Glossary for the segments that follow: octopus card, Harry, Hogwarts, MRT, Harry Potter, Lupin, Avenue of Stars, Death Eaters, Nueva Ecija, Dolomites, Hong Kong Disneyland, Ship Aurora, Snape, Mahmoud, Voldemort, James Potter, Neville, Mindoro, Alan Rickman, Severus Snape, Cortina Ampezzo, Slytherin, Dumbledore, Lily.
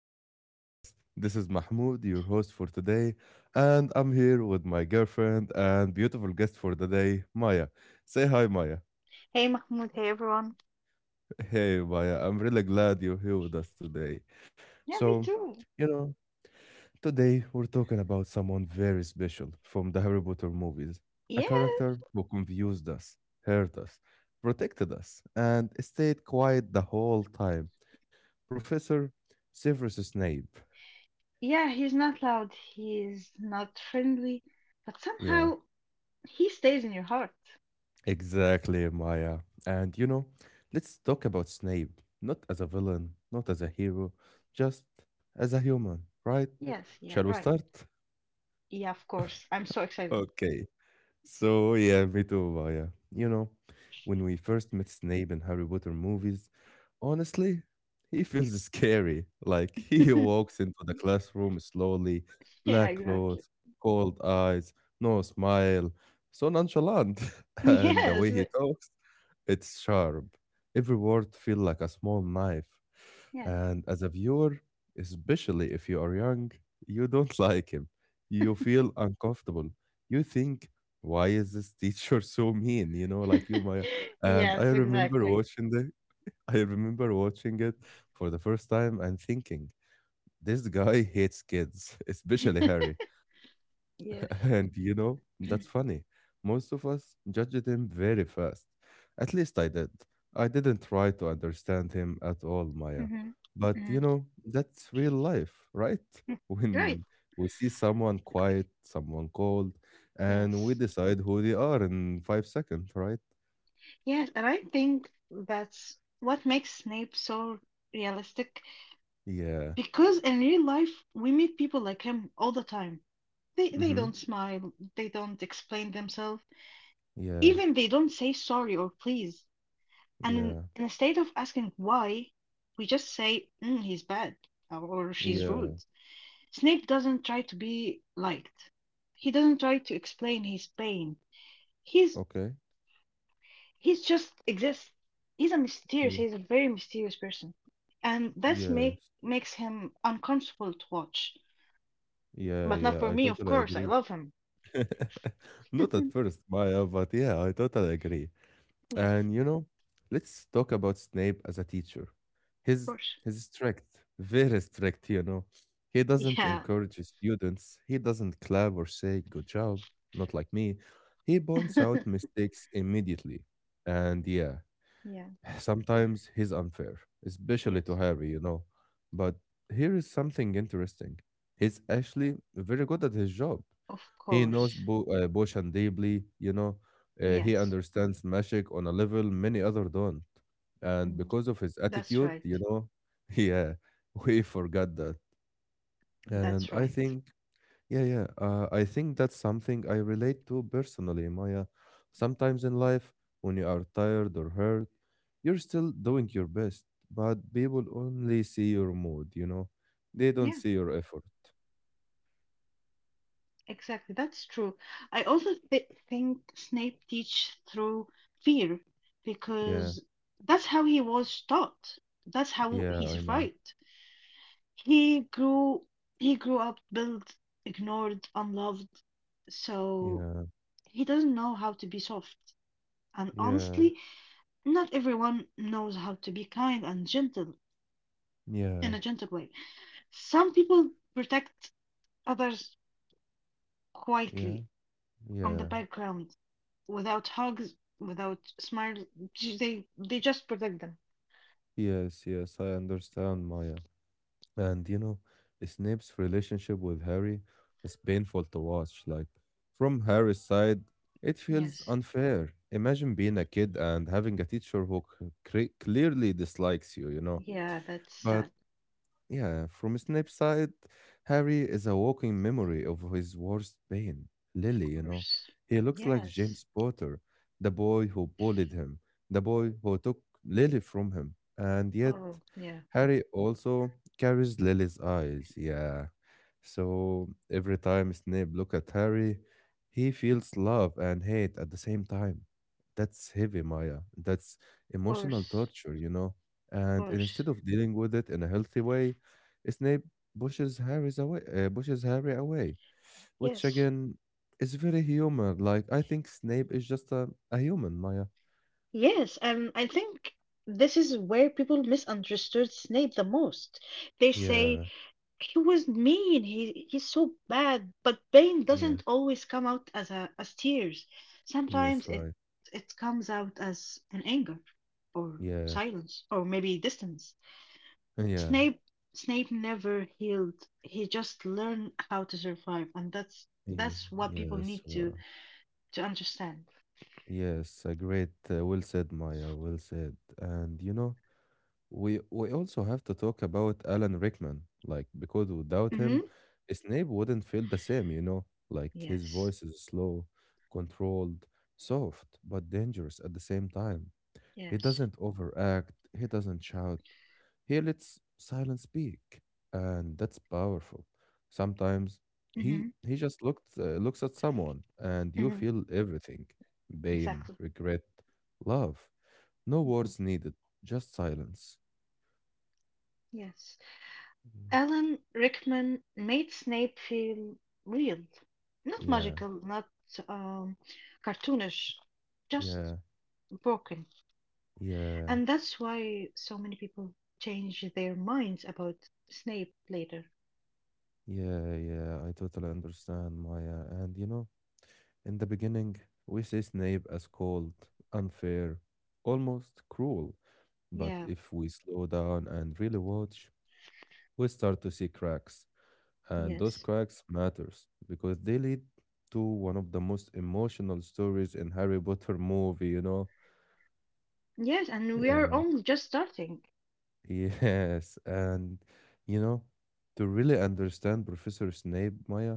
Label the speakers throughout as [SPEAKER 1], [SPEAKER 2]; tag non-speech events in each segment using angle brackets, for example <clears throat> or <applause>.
[SPEAKER 1] to our podcast. This is Mahmoud, your host for today, and I'm here with my girlfriend and beautiful guest for the day, Maya. Say hi, Maya.
[SPEAKER 2] Hey Mahmoud, hey everyone.
[SPEAKER 1] Hey, Maya, I'm really glad you're here with us today.
[SPEAKER 2] Yeah,
[SPEAKER 1] So,
[SPEAKER 2] me too.
[SPEAKER 1] you know, Today we're talking about someone very special from the Harry Potter movies, a character
[SPEAKER 2] Yes,
[SPEAKER 1] who confused us, hurt us, protected us, and stayed quiet the whole time. Professor Severus Snape.
[SPEAKER 2] yeah, he's not loud, he's not friendly, but
[SPEAKER 1] Yeah,
[SPEAKER 2] somehow he stays in your heart.
[SPEAKER 1] exactly, Maya. And you know, let's talk about Snape, not as a villain, not as a hero, just as a human, right?
[SPEAKER 2] Yes, yeah,
[SPEAKER 1] Shall we
[SPEAKER 2] right.
[SPEAKER 1] start?
[SPEAKER 2] Yeah, of course. I'm so excited.
[SPEAKER 1] Okay. So yeah, me too, Maya. You know, when we first met Snape in Harry Potter movies, honestly, he feels scary. Like <laughs> he
[SPEAKER 2] <laughs>
[SPEAKER 1] walks into the classroom slowly,
[SPEAKER 2] Yeah,
[SPEAKER 1] black
[SPEAKER 2] exactly.
[SPEAKER 1] clothes, cold eyes, no smile, so nonchalant. <laughs> And the
[SPEAKER 2] Yes,
[SPEAKER 1] way he talks, it's sharp. Every word feel like a small knife.
[SPEAKER 2] yes.
[SPEAKER 1] And as a viewer, especially if you are young, you don't <laughs> like him. You feel uncomfortable. You think why is this teacher <laughs> so mean? You know, like you Maya.
[SPEAKER 2] <laughs>
[SPEAKER 1] And I
[SPEAKER 2] Yes,
[SPEAKER 1] remember
[SPEAKER 2] exactly.
[SPEAKER 1] watching the <laughs> I remember watching it for the first time and thinking, this guy hates kids, <laughs> especially
[SPEAKER 2] <laughs>
[SPEAKER 1] Harry.
[SPEAKER 2] Yes.
[SPEAKER 1] And you know, that's funny. Most of us judged him very fast. At least I did. I didn't try to understand him at all, Maya.
[SPEAKER 2] hmm
[SPEAKER 1] But
[SPEAKER 2] hmm
[SPEAKER 1] you know, that's real life, right? <laughs>
[SPEAKER 2] Right.
[SPEAKER 1] When we see someone quiet, someone cold, and we
[SPEAKER 2] Yes.
[SPEAKER 1] decide who they are in five seconds, right?
[SPEAKER 2] Yes, and I think that's what makes Snape so realistic.
[SPEAKER 1] Yeah.
[SPEAKER 2] Because in real life, we meet people like him all the time. They
[SPEAKER 1] Mm-hmm.
[SPEAKER 2] don't smile, they don't explain themselves,
[SPEAKER 1] Yeah.
[SPEAKER 2] even they don't say sorry or please. And in,
[SPEAKER 1] Yeah.
[SPEAKER 2] in a state of asking why, we just say, "Mm, he's bad or she's
[SPEAKER 1] Yeah.
[SPEAKER 2] rude." Snape doesn't try to be liked. He doesn't try to explain his pain. He's
[SPEAKER 1] Okay.
[SPEAKER 2] he's just exists. He's a mysterious,
[SPEAKER 1] Yeah.
[SPEAKER 2] he's a very mysterious person. And that's make
[SPEAKER 1] Yes.
[SPEAKER 2] makes him uncomfortable to watch.
[SPEAKER 1] Yeah.
[SPEAKER 2] But not
[SPEAKER 1] Yeah.
[SPEAKER 2] for
[SPEAKER 1] I
[SPEAKER 2] me, of
[SPEAKER 1] totally
[SPEAKER 2] course. I
[SPEAKER 1] agree.
[SPEAKER 2] love him.
[SPEAKER 1] <laughs> Not
[SPEAKER 2] <laughs> Yes,
[SPEAKER 1] at first, Maya, but yeah, I totally agree. And you know, let's talk about Snape as a teacher.
[SPEAKER 2] of
[SPEAKER 1] He's
[SPEAKER 2] course.
[SPEAKER 1] he's strict, very strict, you know. He doesn't
[SPEAKER 2] Yeah.
[SPEAKER 1] encourage his students, he doesn't clap or say good job, not like me. He points out
[SPEAKER 2] <laughs>
[SPEAKER 1] mistakes immediately. And yeah,
[SPEAKER 2] Yeah.
[SPEAKER 1] <sighs> sometimes he's unfair, especially to
[SPEAKER 2] Yes.
[SPEAKER 1] Harry, you know. But here is something interesting. He's actually very good at his job.
[SPEAKER 2] Of
[SPEAKER 1] He knows
[SPEAKER 2] course.
[SPEAKER 1] Boshan deeply, you know. He
[SPEAKER 2] Yes.
[SPEAKER 1] understands Mashik on a level many other don't. And
[SPEAKER 2] Mm.
[SPEAKER 1] because of his
[SPEAKER 2] That's
[SPEAKER 1] attitude,
[SPEAKER 2] right.
[SPEAKER 1] you know, <laughs> yeah, we forgot that. And
[SPEAKER 2] That's
[SPEAKER 1] I
[SPEAKER 2] right.
[SPEAKER 1] think, yeah, I think that's something I relate to personally, Maya. Sometimes in life, when you are tired or hurt, you're still doing your best, but people only see your mood, you know? They don't
[SPEAKER 2] Yeah,
[SPEAKER 1] see your effort.
[SPEAKER 2] exactly. That's true. I also th think Snape teach through fear
[SPEAKER 1] Yeah,
[SPEAKER 2] because that's how he was taught. That's how
[SPEAKER 1] yeah,
[SPEAKER 2] he
[SPEAKER 1] I know.
[SPEAKER 2] survived. He grew he grew up built, ignored, unloved, so
[SPEAKER 1] Yeah,
[SPEAKER 2] he doesn't know how to be soft. And
[SPEAKER 1] yeah,
[SPEAKER 2] honestly, not everyone knows how to be kind and gentle in
[SPEAKER 1] yeah.
[SPEAKER 2] a gentle way. Some people protect others
[SPEAKER 1] Yeah,
[SPEAKER 2] quietly from the
[SPEAKER 1] yeah,
[SPEAKER 2] background without hugs, without smiles. They just protect them.
[SPEAKER 1] yes, yes, I understand, Maya. And you know, Snape's relationship with Harry is painful to watch. Like, from Harry's side, it feels
[SPEAKER 2] Yes.
[SPEAKER 1] unfair. Imagine being a kid and having a teacher who clearly dislikes you, you know.
[SPEAKER 2] Yeah, that's
[SPEAKER 1] But
[SPEAKER 2] sad.
[SPEAKER 1] yeah, from Snape's side, Harry is a walking memory of his worst pain,
[SPEAKER 2] Of
[SPEAKER 1] Lily, you know.
[SPEAKER 2] course.
[SPEAKER 1] He looks like
[SPEAKER 2] Yes.
[SPEAKER 1] James Potter, the boy who bullied him, the boy who took Lily from him. And yet,
[SPEAKER 2] Oh, yeah. Of
[SPEAKER 1] Harry also carries Lily's eyes, yeah. So every time Snape look at Harry, he feels love and hate at the same time. That's heavy, Maya. That's emotional
[SPEAKER 2] course.
[SPEAKER 1] torture, you know.
[SPEAKER 2] Of
[SPEAKER 1] And
[SPEAKER 2] course.
[SPEAKER 1] instead of dealing with it in a healthy way, Snape pushes Harry away, which
[SPEAKER 2] Yes.
[SPEAKER 1] again is very human. Like I think Snape is just a human, Maya.
[SPEAKER 2] Yes, and I think this is where people misunderstood Snape the most. They say
[SPEAKER 1] Yeah,
[SPEAKER 2] he was mean. He's so bad. But pain
[SPEAKER 1] yeah,
[SPEAKER 2] doesn't always come out as a as tears. Sometimes
[SPEAKER 1] yes,
[SPEAKER 2] it
[SPEAKER 1] right.
[SPEAKER 2] it comes out as an anger or
[SPEAKER 1] Yeah,
[SPEAKER 2] silence or maybe distance.
[SPEAKER 1] yeah,
[SPEAKER 2] Snape Snape never healed. He just learned how to survive, and that's
[SPEAKER 1] ye-
[SPEAKER 2] that's what people
[SPEAKER 1] yes,
[SPEAKER 2] need
[SPEAKER 1] wow.
[SPEAKER 2] to understand.
[SPEAKER 1] Yes, a great, well said, Maya, well said. And you know, we also have to talk about Alan Rickman, like because without
[SPEAKER 2] Mm-hmm.
[SPEAKER 1] him, Snape wouldn't feel the same, you know? Like his
[SPEAKER 2] Yes.
[SPEAKER 1] voice is slow, controlled, soft, but dangerous at the same time. He
[SPEAKER 2] Yes.
[SPEAKER 1] doesn't overact, he doesn't shout. He lets silence speak, and that's powerful. Sometimes he
[SPEAKER 2] Mm-hmm.
[SPEAKER 1] he just looked looks at someone and you
[SPEAKER 2] Mm-hmm.
[SPEAKER 1] feel everything. Pain,
[SPEAKER 2] Exactly.
[SPEAKER 1] regret, love. No
[SPEAKER 2] Mm-hmm.
[SPEAKER 1] words needed, just silence.
[SPEAKER 2] Yes.
[SPEAKER 1] Yeah,
[SPEAKER 2] Alan Rickman made Snape feel real. Not
[SPEAKER 1] yeah,
[SPEAKER 2] magical, not um, cartoonish, just
[SPEAKER 1] yeah,
[SPEAKER 2] broken.
[SPEAKER 1] yeah,
[SPEAKER 2] And that's why so many people change their minds about Snape later.
[SPEAKER 1] yeah. Yeah, I totally understand, Maya. And you know, in the beginning, we see Snape as cold, unfair, almost cruel. But
[SPEAKER 2] Yeah,
[SPEAKER 1] if we slow down and really watch, we start to see cracks. And those
[SPEAKER 2] yes.
[SPEAKER 1] cracks matters because they lead to one of the most emotional stories in Harry Potter movie, you know?
[SPEAKER 2] Yes, and we are
[SPEAKER 1] Yeah.
[SPEAKER 2] only just starting.
[SPEAKER 1] <laughs> Yes, and you know, to really understand Professor Snape, Maya,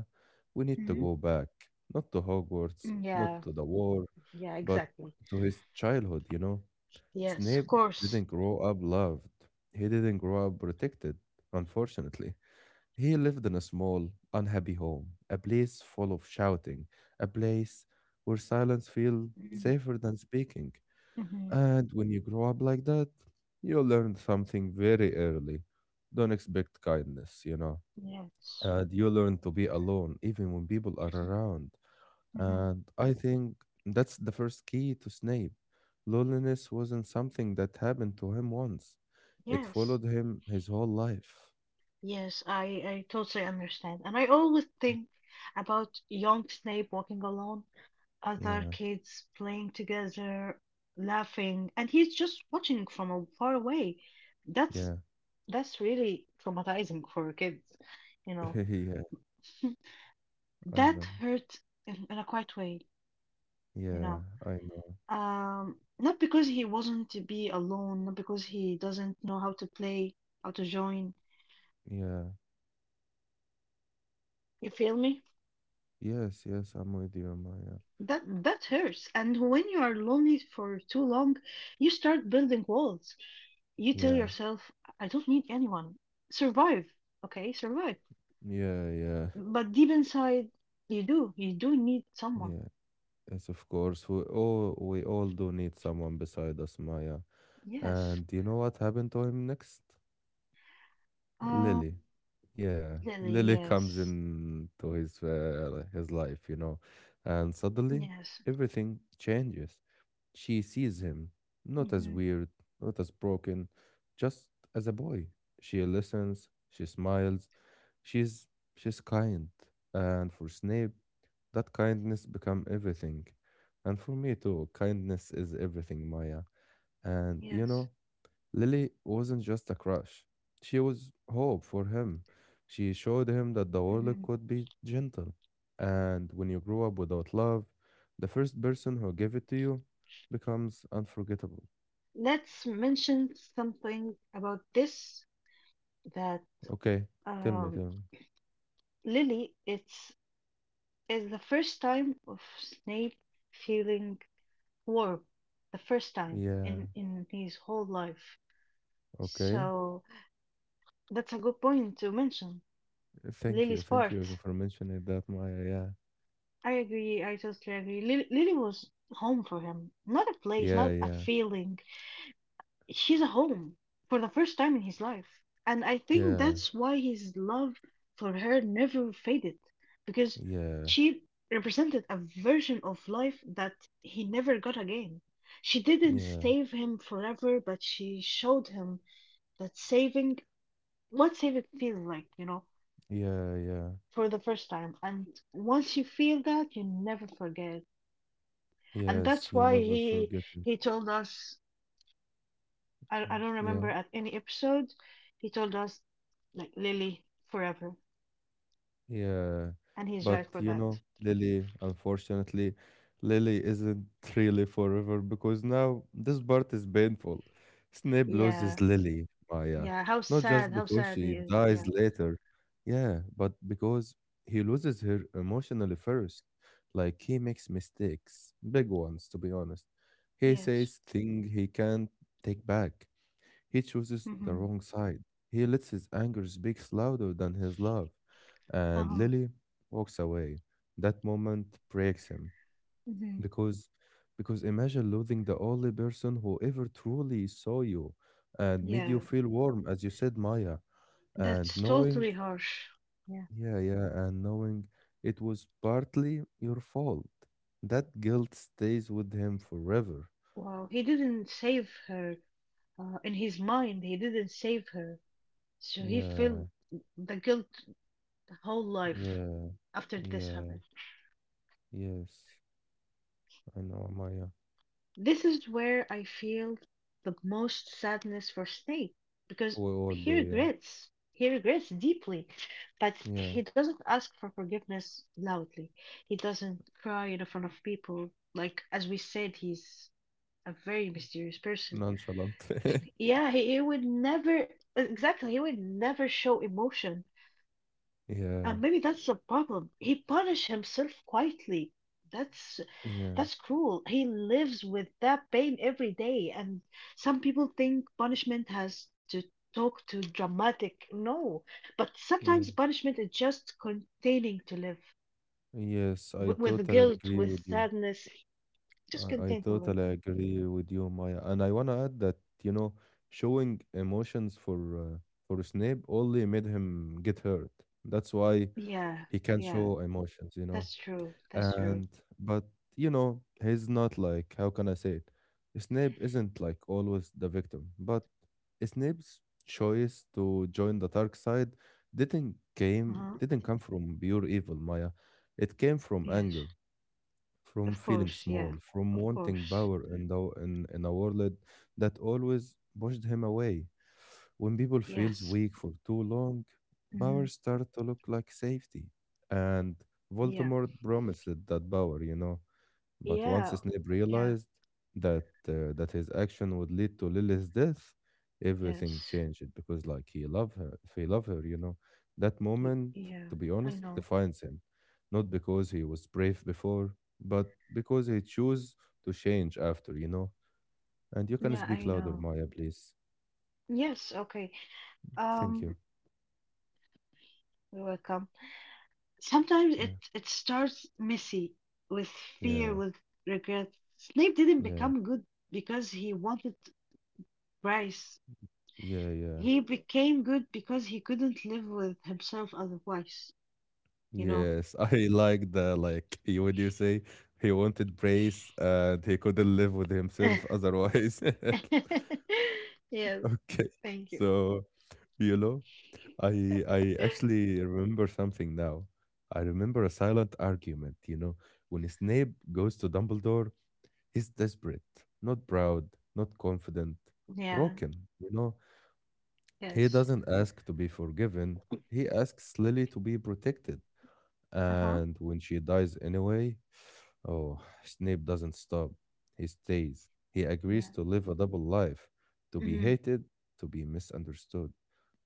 [SPEAKER 1] we need to
[SPEAKER 2] Mhm. Mhm.
[SPEAKER 1] go back, not to Hogwarts, not
[SPEAKER 2] Yeah,
[SPEAKER 1] to the war,
[SPEAKER 2] yeah,
[SPEAKER 1] but
[SPEAKER 2] exactly.
[SPEAKER 1] to his childhood, you know.
[SPEAKER 2] Yes, of
[SPEAKER 1] Snape
[SPEAKER 2] course.
[SPEAKER 1] didn't grow up loved. He didn't grow up protected, unfortunately. He lived in a small, unhappy home, a place full of shouting, a place where silence feels safer than speaking.
[SPEAKER 2] Mm-hmm.
[SPEAKER 1] And when you grow up like that, you learn something very early. Don't expect kindness, you know.
[SPEAKER 2] Yes.
[SPEAKER 1] And you learn to be alone, even when people are around.
[SPEAKER 2] Hmm.
[SPEAKER 1] And I think that's the first key to Snape. Loneliness wasn't something that happened to him once, it
[SPEAKER 2] Yes.
[SPEAKER 1] followed him his whole life.
[SPEAKER 2] Yes, I totally understand. And I always think about young Snape walking alone, other
[SPEAKER 1] Yeah,
[SPEAKER 2] kids playing together, laughing, and he's just watching from a far away. That's
[SPEAKER 1] yeah,
[SPEAKER 2] that's really traumatizing for kids, you
[SPEAKER 1] <laughs>
[SPEAKER 2] know.
[SPEAKER 1] yeah,
[SPEAKER 2] <laughs>
[SPEAKER 1] I
[SPEAKER 2] That
[SPEAKER 1] know.
[SPEAKER 2] hurt in a quiet way, you
[SPEAKER 1] Yeah,
[SPEAKER 2] know.
[SPEAKER 1] I know.
[SPEAKER 2] Not because he wasn't to be alone, not because he doesn't know how to play, how to join.
[SPEAKER 1] Yeah,
[SPEAKER 2] You feel me?
[SPEAKER 1] yes, yes, I'm with you, Maya.
[SPEAKER 2] That that hurts. And when you are lonely for too long, you start building walls. You tell
[SPEAKER 1] Yeah,
[SPEAKER 2] yourself, I don't need anyone. Survive. Okay, survive.
[SPEAKER 1] yeah, yeah,
[SPEAKER 2] But deep inside, you do. You do need someone.
[SPEAKER 1] yeah. Yes, of course. We all do need someone beside us, Maya.
[SPEAKER 2] Yes.
[SPEAKER 1] And you know what happened to him next?
[SPEAKER 2] Um,
[SPEAKER 1] Lily. Yeah,
[SPEAKER 2] Lily,
[SPEAKER 1] Lily comes
[SPEAKER 2] yes.
[SPEAKER 1] into his life, you know, and suddenly
[SPEAKER 2] Yes.
[SPEAKER 1] everything changes. She sees him not as
[SPEAKER 2] Hmm.
[SPEAKER 1] weird, not as broken, just as a boy. She listens, she smiles, she's she's kind. And for Snape, that kindness become everything. And for me too, kindness is everything, Maya. And you
[SPEAKER 2] Yes.
[SPEAKER 1] know, Lily wasn't just a crush. She was hope for him. She showed him that the world
[SPEAKER 2] Hmm.
[SPEAKER 1] could be gentle. And when you grow up without love, the first person who gave it to you becomes unforgettable.
[SPEAKER 2] Let's mention something about this that
[SPEAKER 1] Okay, tell me,
[SPEAKER 2] um
[SPEAKER 1] tell me.
[SPEAKER 2] Lily, it's is the first time of Snape feeling warm, the first time
[SPEAKER 1] Yeah,
[SPEAKER 2] in his whole life.
[SPEAKER 1] okay.
[SPEAKER 2] So that's a good point to mention.
[SPEAKER 1] Thank you.
[SPEAKER 2] Lily's
[SPEAKER 1] Thank
[SPEAKER 2] part.
[SPEAKER 1] you for mentioning that, Maya. Yeah,
[SPEAKER 2] I agree. I totally agree. Lily was home for him, not a place,
[SPEAKER 1] yeah,
[SPEAKER 2] not a
[SPEAKER 1] yeah,
[SPEAKER 2] feeling. She's a home for the first time in his life, and I think
[SPEAKER 1] yeah,
[SPEAKER 2] that's why his love for her never faded, because
[SPEAKER 1] yeah,
[SPEAKER 2] she represented a version of life that he never got again. She didn't
[SPEAKER 1] yeah,
[SPEAKER 2] save him forever, but she showed him that saving, what saving feels like, you know,
[SPEAKER 1] yeah, yeah.
[SPEAKER 2] for the first time. And once you feel that, you never forget. And that's
[SPEAKER 1] Yes, you
[SPEAKER 2] why
[SPEAKER 1] never
[SPEAKER 2] he
[SPEAKER 1] forget it.
[SPEAKER 2] he told us, I don't remember
[SPEAKER 1] Yeah.
[SPEAKER 2] at any episode, he told us like Lily forever.
[SPEAKER 1] Yeah,
[SPEAKER 2] And he's right
[SPEAKER 1] but
[SPEAKER 2] for
[SPEAKER 1] you
[SPEAKER 2] that.
[SPEAKER 1] know, Lily, unfortunately, Lily isn't really forever because now this part is painful. Snape
[SPEAKER 2] Yeah.
[SPEAKER 1] loses Lily, Maya,
[SPEAKER 2] Yeah.
[SPEAKER 1] not just
[SPEAKER 2] How
[SPEAKER 1] because
[SPEAKER 2] sad he
[SPEAKER 1] she
[SPEAKER 2] is.
[SPEAKER 1] dies
[SPEAKER 2] Yeah.
[SPEAKER 1] later, yeah, but because he loses her emotionally first. Like he makes mistakes, big ones, to be honest. He
[SPEAKER 2] Yes.
[SPEAKER 1] says things he can't take back. He chooses the
[SPEAKER 2] Mm-hmm.
[SPEAKER 1] wrong side. He lets his anger speak louder than his love. And
[SPEAKER 2] Uh-huh.
[SPEAKER 1] Lily walks away. That moment breaks him
[SPEAKER 2] Mm-hmm.
[SPEAKER 1] because because imagine losing the only person who ever truly saw you and made you
[SPEAKER 2] Yeah.
[SPEAKER 1] feel warm, as you said, Maya. And
[SPEAKER 2] That's
[SPEAKER 1] knowing,
[SPEAKER 2] totally harsh. Yeah.
[SPEAKER 1] yeah, and knowing it was partly your fault. That guilt stays with him forever.
[SPEAKER 2] Wow. He didn't save her. In his mind, he didn't save her, so he
[SPEAKER 1] Yeah,
[SPEAKER 2] felt the guilt the whole life
[SPEAKER 1] yeah,
[SPEAKER 2] after this
[SPEAKER 1] yeah,
[SPEAKER 2] happened.
[SPEAKER 1] yes. I know, Maya.
[SPEAKER 2] This is where I feel the most sadness for Snape because
[SPEAKER 1] We all
[SPEAKER 2] he
[SPEAKER 1] do, yeah.
[SPEAKER 2] regrets. He regrets deeply, but
[SPEAKER 1] Yeah.
[SPEAKER 2] he doesn't ask for forgiveness loudly. He doesn't cry in front of people. Like, as we said, he's a very mysterious person.
[SPEAKER 1] Nonchalant. <laughs>
[SPEAKER 2] Yeah, he would never, exactly, he would never show emotion.
[SPEAKER 1] Yeah.
[SPEAKER 2] And maybe that's the problem. He punished himself quietly. That's
[SPEAKER 1] Yeah.
[SPEAKER 2] that's cruel. He lives with that pain every day, and some people think punishment has to talk to dramatic. No, but sometimes
[SPEAKER 1] Yeah.
[SPEAKER 2] punishment is just containing to live
[SPEAKER 1] Yes, I
[SPEAKER 2] with
[SPEAKER 1] totally
[SPEAKER 2] guilt,
[SPEAKER 1] agree
[SPEAKER 2] with
[SPEAKER 1] with you.
[SPEAKER 2] sadness, just
[SPEAKER 1] I
[SPEAKER 2] contain to live.
[SPEAKER 1] totally agree with you, Maya. And I wanna add that, you know, showing emotions for Snape only made him get hurt. That's why
[SPEAKER 2] Yeah,
[SPEAKER 1] he can't
[SPEAKER 2] yeah,
[SPEAKER 1] show emotions, you know.
[SPEAKER 2] that's true. That's true.
[SPEAKER 1] And But you know he's not like, how can I say it, Snape isn't like always the victim, but Snape's choice to join the dark side
[SPEAKER 2] Uh-huh.
[SPEAKER 1] didn't come from pure evil, Maya. It came from
[SPEAKER 2] Yes,
[SPEAKER 1] anger, from
[SPEAKER 2] of
[SPEAKER 1] feeling
[SPEAKER 2] course.
[SPEAKER 1] small,
[SPEAKER 2] Yeah,
[SPEAKER 1] from
[SPEAKER 2] of
[SPEAKER 1] wanting
[SPEAKER 2] course.
[SPEAKER 1] power in the in a world that always pushed him away. When people feels
[SPEAKER 2] Yes.
[SPEAKER 1] weak for too long,
[SPEAKER 2] Hmm.
[SPEAKER 1] power start to look like safety. And
[SPEAKER 2] Yeah,
[SPEAKER 1] Voldemort promised that power, you know. But once
[SPEAKER 2] yeah.
[SPEAKER 1] Snape
[SPEAKER 2] Yeah.
[SPEAKER 1] realized that his action would lead to Lily's death, everything
[SPEAKER 2] Yes.
[SPEAKER 1] changed because like he loved her, if he loved her, you know. That moment,
[SPEAKER 2] Yeah,
[SPEAKER 1] to be
[SPEAKER 2] I
[SPEAKER 1] honest,
[SPEAKER 2] know.
[SPEAKER 1] defines him. Not because he was brave before, but because he chose to change after, you know. And you can
[SPEAKER 2] Yeah,
[SPEAKER 1] speak
[SPEAKER 2] I
[SPEAKER 1] louder,
[SPEAKER 2] know.
[SPEAKER 1] Maya, please.
[SPEAKER 2] Yes, okay.
[SPEAKER 1] Thank
[SPEAKER 2] Um,
[SPEAKER 1] you.
[SPEAKER 2] you're welcome. Sometimes
[SPEAKER 1] Yeah.
[SPEAKER 2] it starts messy with fear,
[SPEAKER 1] Yeah.
[SPEAKER 2] with regret. Snape didn't
[SPEAKER 1] Yeah,
[SPEAKER 2] become good because he wanted Bryce.
[SPEAKER 1] yeah, yeah.
[SPEAKER 2] He became good because he couldn't live with himself otherwise, you know.
[SPEAKER 1] Yes, <laughs> I like the like you would you say he wanted praise and he couldn't live with himself
[SPEAKER 2] <laughs>
[SPEAKER 1] otherwise. <laughs>
[SPEAKER 2] Yes.
[SPEAKER 1] Okay.
[SPEAKER 2] Thank you.
[SPEAKER 1] So, you know, I actually remember something now. I remember a silent argument, you know, when Snape goes to Dumbledore, he's desperate, not proud, not confident,
[SPEAKER 2] Yeah,
[SPEAKER 1] broken, you know. He
[SPEAKER 2] yes.
[SPEAKER 1] doesn't ask to be forgiven. He asks Lily to be protected.
[SPEAKER 2] Uh-huh.
[SPEAKER 1] And when she dies anyway, oh, Snape doesn't stop. He stays. He agrees
[SPEAKER 2] Yeah.
[SPEAKER 1] to live a double life, to be
[SPEAKER 2] Mm-hmm.
[SPEAKER 1] hated, to be misunderstood.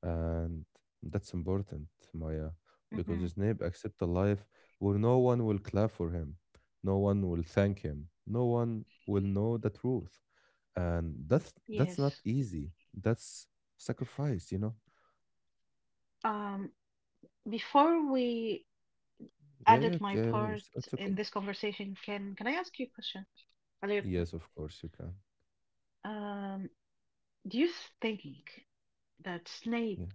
[SPEAKER 1] And that's important, Maya, because
[SPEAKER 2] Mm-hmm.
[SPEAKER 1] Snape accepts a life where no one will clap for him, no one will thank him, no one will know the truth. And that's
[SPEAKER 2] Yes.
[SPEAKER 1] not easy. That's sacrifice, you know?
[SPEAKER 2] Um, Before we
[SPEAKER 1] Yeah, yeah,
[SPEAKER 2] added my part
[SPEAKER 1] yes, it's
[SPEAKER 2] in
[SPEAKER 1] okay.
[SPEAKER 2] this conversation, can I ask you a question? A little quick.
[SPEAKER 1] Yes, of course you can.
[SPEAKER 2] Um, do you think that Snape
[SPEAKER 1] Yeah.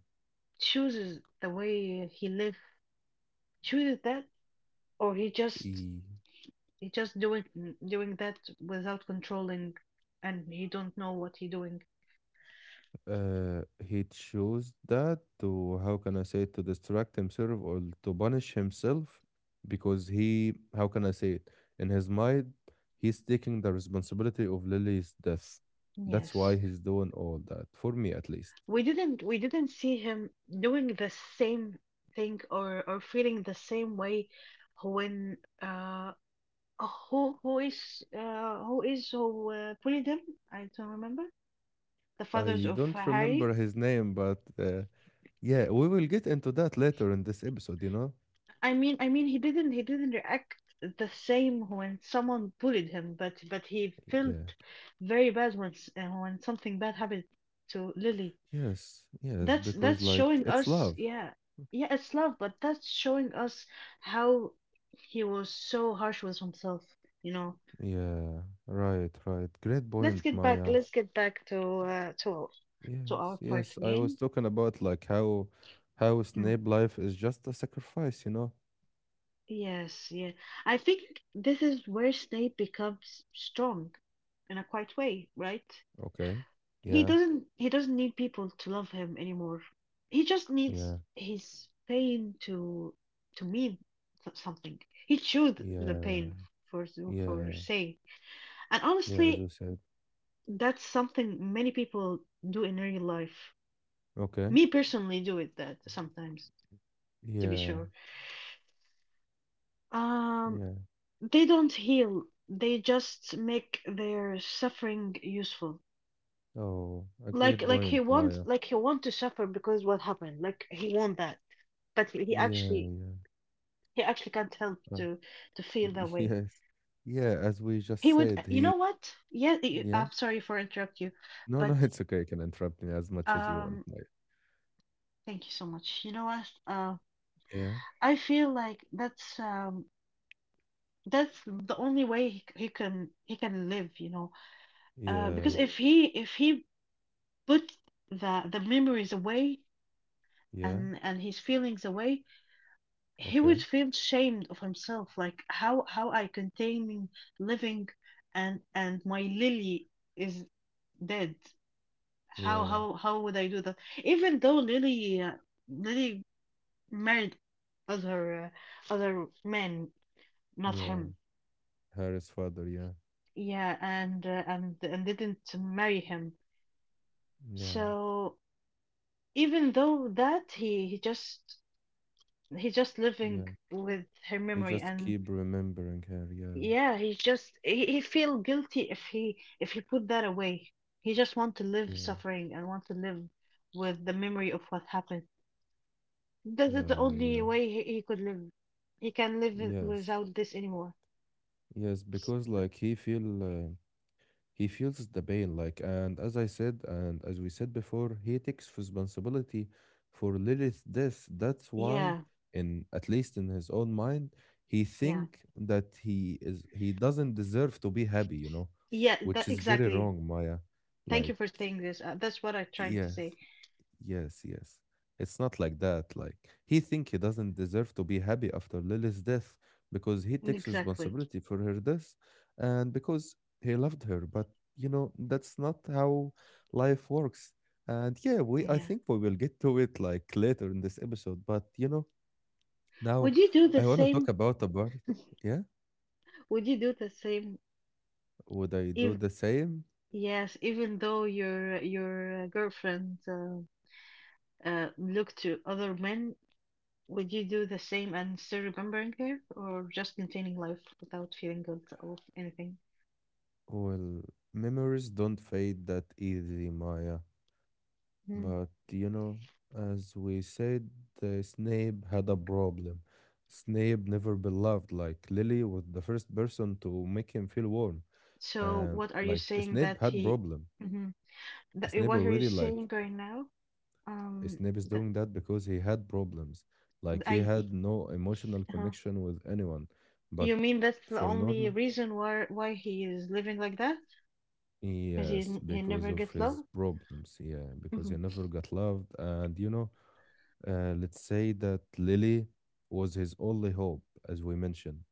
[SPEAKER 2] chooses the way he lives, chooses that, or he just
[SPEAKER 1] E
[SPEAKER 2] he just doing doing that without controlling, and he don't know what he doing?
[SPEAKER 1] He chose that to, how can I say it, to distract himself or to punish himself because he, how can I say it, in his mind, he's taking the responsibility of Lily's death. That's
[SPEAKER 2] Yes,
[SPEAKER 1] why he's doing all that, for me at least.
[SPEAKER 2] we didn't see him doing the same thing or feeling the same way when who is who is who bullied him? I don't remember. The fathers
[SPEAKER 1] I
[SPEAKER 2] of
[SPEAKER 1] don't
[SPEAKER 2] Harry.
[SPEAKER 1] remember his name, but yeah, we will get into that later in this episode, you know?
[SPEAKER 2] He didn't react the same when someone bullied him, but he
[SPEAKER 1] Yeah.
[SPEAKER 2] felt very bad when when something bad happened to Lily.
[SPEAKER 1] Yes, yes,
[SPEAKER 2] That's
[SPEAKER 1] because
[SPEAKER 2] that's
[SPEAKER 1] like
[SPEAKER 2] showing
[SPEAKER 1] it's
[SPEAKER 2] us,
[SPEAKER 1] love.
[SPEAKER 2] yeah, yeah, it's love, but that's showing us how he was so harsh with himself. You know,
[SPEAKER 1] Yeah, right, right. Great point, Maya.
[SPEAKER 2] let's get back to
[SPEAKER 1] Yes,
[SPEAKER 2] our point
[SPEAKER 1] yes. I was
[SPEAKER 2] again.
[SPEAKER 1] talking about like how
[SPEAKER 2] Hmm.
[SPEAKER 1] Snape life is just a sacrifice, you know?
[SPEAKER 2] Yes, yeah. I think this is where Snape becomes strong in a quiet way, right?
[SPEAKER 1] Okay.
[SPEAKER 2] He
[SPEAKER 1] Yeah,
[SPEAKER 2] doesn't he doesn't need people to love him anymore. He just needs
[SPEAKER 1] yeah,
[SPEAKER 2] his pain to mean something. He chewed the
[SPEAKER 1] yeah,
[SPEAKER 2] pain for
[SPEAKER 1] yeah,
[SPEAKER 2] for say. And
[SPEAKER 1] yeah, as you
[SPEAKER 2] honestly,
[SPEAKER 1] said.
[SPEAKER 2] that's something many people do in real life.
[SPEAKER 1] Okay.
[SPEAKER 2] Me personally do it that sometimes, to be
[SPEAKER 1] Yeah,
[SPEAKER 2] sure. Um,
[SPEAKER 1] yeah.
[SPEAKER 2] they don't heal. They just make their suffering useful.
[SPEAKER 1] Oh, a
[SPEAKER 2] Like
[SPEAKER 1] great
[SPEAKER 2] like he
[SPEAKER 1] point,
[SPEAKER 2] wants,
[SPEAKER 1] Maya.
[SPEAKER 2] like he want to suffer because what happened. Like he want that. But he
[SPEAKER 1] Yeah,
[SPEAKER 2] actually
[SPEAKER 1] yeah.
[SPEAKER 2] he actually can't help
[SPEAKER 1] uh,
[SPEAKER 2] to feel that
[SPEAKER 1] <laughs>
[SPEAKER 2] way.
[SPEAKER 1] yes. Yeah, as we
[SPEAKER 2] He
[SPEAKER 1] just
[SPEAKER 2] would,
[SPEAKER 1] said,
[SPEAKER 2] you
[SPEAKER 1] he
[SPEAKER 2] know what? Yeah,
[SPEAKER 1] yeah.
[SPEAKER 2] I'm sorry for interrupt you,
[SPEAKER 1] No, no, <laughs>
[SPEAKER 2] but
[SPEAKER 1] it's okay. You can interrupt me as much as you want,
[SPEAKER 2] um
[SPEAKER 1] Maya.
[SPEAKER 2] thank you so much. You know what?
[SPEAKER 1] Yeah,
[SPEAKER 2] I feel like that's the only way he can live, you know. Because
[SPEAKER 1] yeah,
[SPEAKER 2] yeah, if he put the memories away
[SPEAKER 1] yeah.
[SPEAKER 2] and his feelings away, he would
[SPEAKER 1] Okay.
[SPEAKER 2] feel shamed of himself. Like how I continue living, and my Lily is dead. How
[SPEAKER 1] Yeah,
[SPEAKER 2] how how would I do that? Even though Lily Lily married other other men, not
[SPEAKER 1] yeah.
[SPEAKER 2] him.
[SPEAKER 1] Harry's father, yeah.
[SPEAKER 2] Yeah, and didn't marry him.
[SPEAKER 1] Yeah.
[SPEAKER 2] So even though that he's just living
[SPEAKER 1] Yeah,
[SPEAKER 2] with her
[SPEAKER 1] I
[SPEAKER 2] memory
[SPEAKER 1] just
[SPEAKER 2] and
[SPEAKER 1] keep remembering her. Yeah,
[SPEAKER 2] yeah, he's just he feel guilty if he put that away. He just want to live
[SPEAKER 1] yeah,
[SPEAKER 2] suffering and want to live with the memory of what happened. This is the
[SPEAKER 1] yeah,
[SPEAKER 2] only
[SPEAKER 1] yeah.
[SPEAKER 2] way he could live. He can live
[SPEAKER 1] Yes,
[SPEAKER 2] without this anymore.
[SPEAKER 1] yes,
[SPEAKER 2] S-
[SPEAKER 1] because like he feel he feels the pain. Like and as I said and as we said before, he takes responsibility for Lilith's death. That's why,
[SPEAKER 2] Yeah,
[SPEAKER 1] in at least in his own mind, he
[SPEAKER 2] yeah,
[SPEAKER 1] think that he doesn't deserve to be happy. You know,
[SPEAKER 2] yeah.
[SPEAKER 1] which
[SPEAKER 2] That
[SPEAKER 1] is very
[SPEAKER 2] exactly.
[SPEAKER 1] wrong, Maya.
[SPEAKER 2] Thank you
[SPEAKER 1] Like
[SPEAKER 2] for saying this. That's what I'm trying to say.
[SPEAKER 1] yes. Yes, yes. It's not like that. Like he think he doesn't deserve to be happy after Lily's death because he
[SPEAKER 2] Mm,
[SPEAKER 1] takes
[SPEAKER 2] exactly.
[SPEAKER 1] responsibility for her death and because he loved her. But you know, that's not how life works. And yeah, we I
[SPEAKER 2] Yeah.
[SPEAKER 1] think we will get to it like later in this episode. But you know, now
[SPEAKER 2] Would you do the
[SPEAKER 1] I wanna talk
[SPEAKER 2] same?
[SPEAKER 1] about a part. Yeah.
[SPEAKER 2] Would you do the same
[SPEAKER 1] Would I do
[SPEAKER 2] if
[SPEAKER 1] the same?
[SPEAKER 2] yes, even though your girlfriend? Look to other men, would you do the same and still remembering her, or just continuing life without feeling guilt or anything?
[SPEAKER 1] Well, memories don't fade that easy, Maya.
[SPEAKER 2] Mhm.
[SPEAKER 1] But you know, as we said, Snape had a problem. Snape never beloved like Lily was the first person to make him feel warm.
[SPEAKER 2] So,
[SPEAKER 1] And
[SPEAKER 2] what are you
[SPEAKER 1] like
[SPEAKER 2] saying
[SPEAKER 1] Snape
[SPEAKER 2] that
[SPEAKER 1] had
[SPEAKER 2] he?
[SPEAKER 1] problem.
[SPEAKER 2] Hmm. That, eh,
[SPEAKER 1] Snape
[SPEAKER 2] what are you
[SPEAKER 1] already
[SPEAKER 2] saying
[SPEAKER 1] like
[SPEAKER 2] right now? Um,
[SPEAKER 1] Snape is
[SPEAKER 2] that
[SPEAKER 1] doing that because he had problems. Like he
[SPEAKER 2] I.
[SPEAKER 1] had no emotional
[SPEAKER 2] Huh?
[SPEAKER 1] connection with anyone.
[SPEAKER 2] You
[SPEAKER 1] But
[SPEAKER 2] mean that's the
[SPEAKER 1] for
[SPEAKER 2] only
[SPEAKER 1] Norma,
[SPEAKER 2] reason why he is living like that? Because
[SPEAKER 1] yes,
[SPEAKER 2] he
[SPEAKER 1] because
[SPEAKER 2] never
[SPEAKER 1] of
[SPEAKER 2] get love.
[SPEAKER 1] his problems. Yeah, because he
[SPEAKER 2] Hmm.
[SPEAKER 1] never got loved. And you know, let's say that Lily was his only hope, as we mentioned.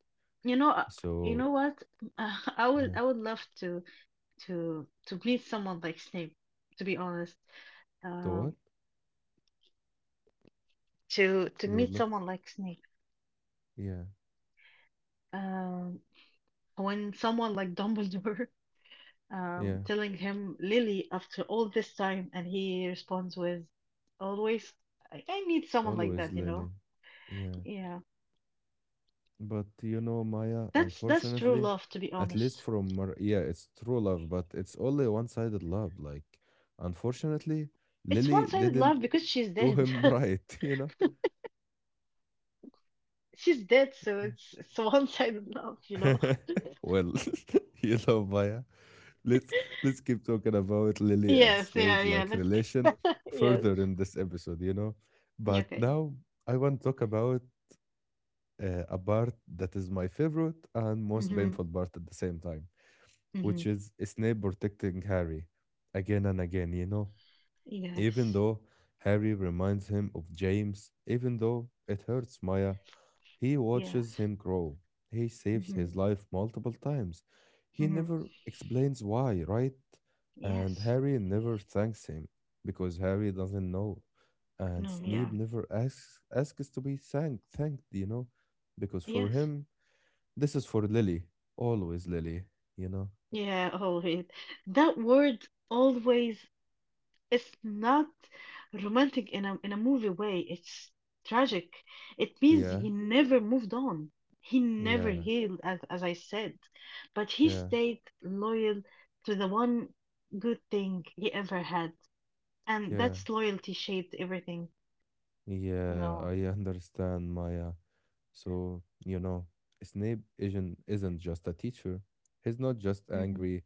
[SPEAKER 2] You know, uh, you
[SPEAKER 1] So,
[SPEAKER 2] know what? <laughs> I would
[SPEAKER 1] yeah.
[SPEAKER 2] I would love to meet someone like Snape. To be honest,
[SPEAKER 1] To what?
[SPEAKER 2] um, to
[SPEAKER 1] You would
[SPEAKER 2] meet
[SPEAKER 1] love?
[SPEAKER 2] someone like Snape.
[SPEAKER 1] Yeah,
[SPEAKER 2] Um, when someone like Dumbledore <laughs>
[SPEAKER 1] yeah.
[SPEAKER 2] telling him Lily after all this time, and he responds with, "Always," I need someone like
[SPEAKER 1] Always
[SPEAKER 2] that, you know.
[SPEAKER 1] Lily. Yeah.
[SPEAKER 2] Yeah,
[SPEAKER 1] But you know, Maya,
[SPEAKER 2] that's true
[SPEAKER 1] unfortunately,
[SPEAKER 2] love, to be
[SPEAKER 1] at least
[SPEAKER 2] honest.
[SPEAKER 1] from Mar yeah, it's true love, but it's only one-sided love. Like, unfortunately,
[SPEAKER 2] It's
[SPEAKER 1] Lily
[SPEAKER 2] one-sided
[SPEAKER 1] didn't
[SPEAKER 2] love because she's
[SPEAKER 1] do
[SPEAKER 2] dead.
[SPEAKER 1] him <laughs>
[SPEAKER 2] <laughs>
[SPEAKER 1] right, you know?
[SPEAKER 2] She's dead, so
[SPEAKER 1] Yeah.
[SPEAKER 2] it's one-sided love, you know.
[SPEAKER 1] <laughs> well, <laughs> you know, Maya, let's let's keep talking about
[SPEAKER 2] <laughs>
[SPEAKER 1] Lily and
[SPEAKER 2] Yes, yeah,
[SPEAKER 1] Snape
[SPEAKER 2] yeah.
[SPEAKER 1] like
[SPEAKER 2] Let's <laughs>
[SPEAKER 1] relation
[SPEAKER 2] yes.
[SPEAKER 1] further in this episode, you know.
[SPEAKER 2] Yeah,
[SPEAKER 1] But
[SPEAKER 2] okay.
[SPEAKER 1] now I want to talk about a part that is my favorite and most
[SPEAKER 2] Mhm.
[SPEAKER 1] painful part at the same time,
[SPEAKER 2] Mhm.
[SPEAKER 1] which is Snape protecting Harry again and again, you know. Even
[SPEAKER 2] Yes.
[SPEAKER 1] though Harry reminds him of James, even though it hurts Maya, he
[SPEAKER 2] Yes.
[SPEAKER 1] watches him grow. He saves
[SPEAKER 2] Mhm.
[SPEAKER 1] his life multiple times. He
[SPEAKER 2] Mhm.
[SPEAKER 1] never explains why, right? And
[SPEAKER 2] Yes.
[SPEAKER 1] Harry never thanks him because Harry doesn't know. And
[SPEAKER 2] No. Yeah.
[SPEAKER 1] Snape never asks to be thanked, you know, because for
[SPEAKER 2] Yes.
[SPEAKER 1] him this is for Lily, always Lily, you know.
[SPEAKER 2] Yeah, always. That word always is not romantic in a movie way. It's tragic. It means
[SPEAKER 1] Yeah,
[SPEAKER 2] he never moved on. He never
[SPEAKER 1] yeah,
[SPEAKER 2] healed, as I said, but he
[SPEAKER 1] yeah,
[SPEAKER 2] stayed loyal to the one good thing he ever had, and
[SPEAKER 1] yeah.
[SPEAKER 2] that's loyalty shaped everything.
[SPEAKER 1] Yeah,
[SPEAKER 2] No.
[SPEAKER 1] I understand, Maya. So, you know, Snape isn't just a teacher. He's not just
[SPEAKER 2] Hmm.
[SPEAKER 1] angry.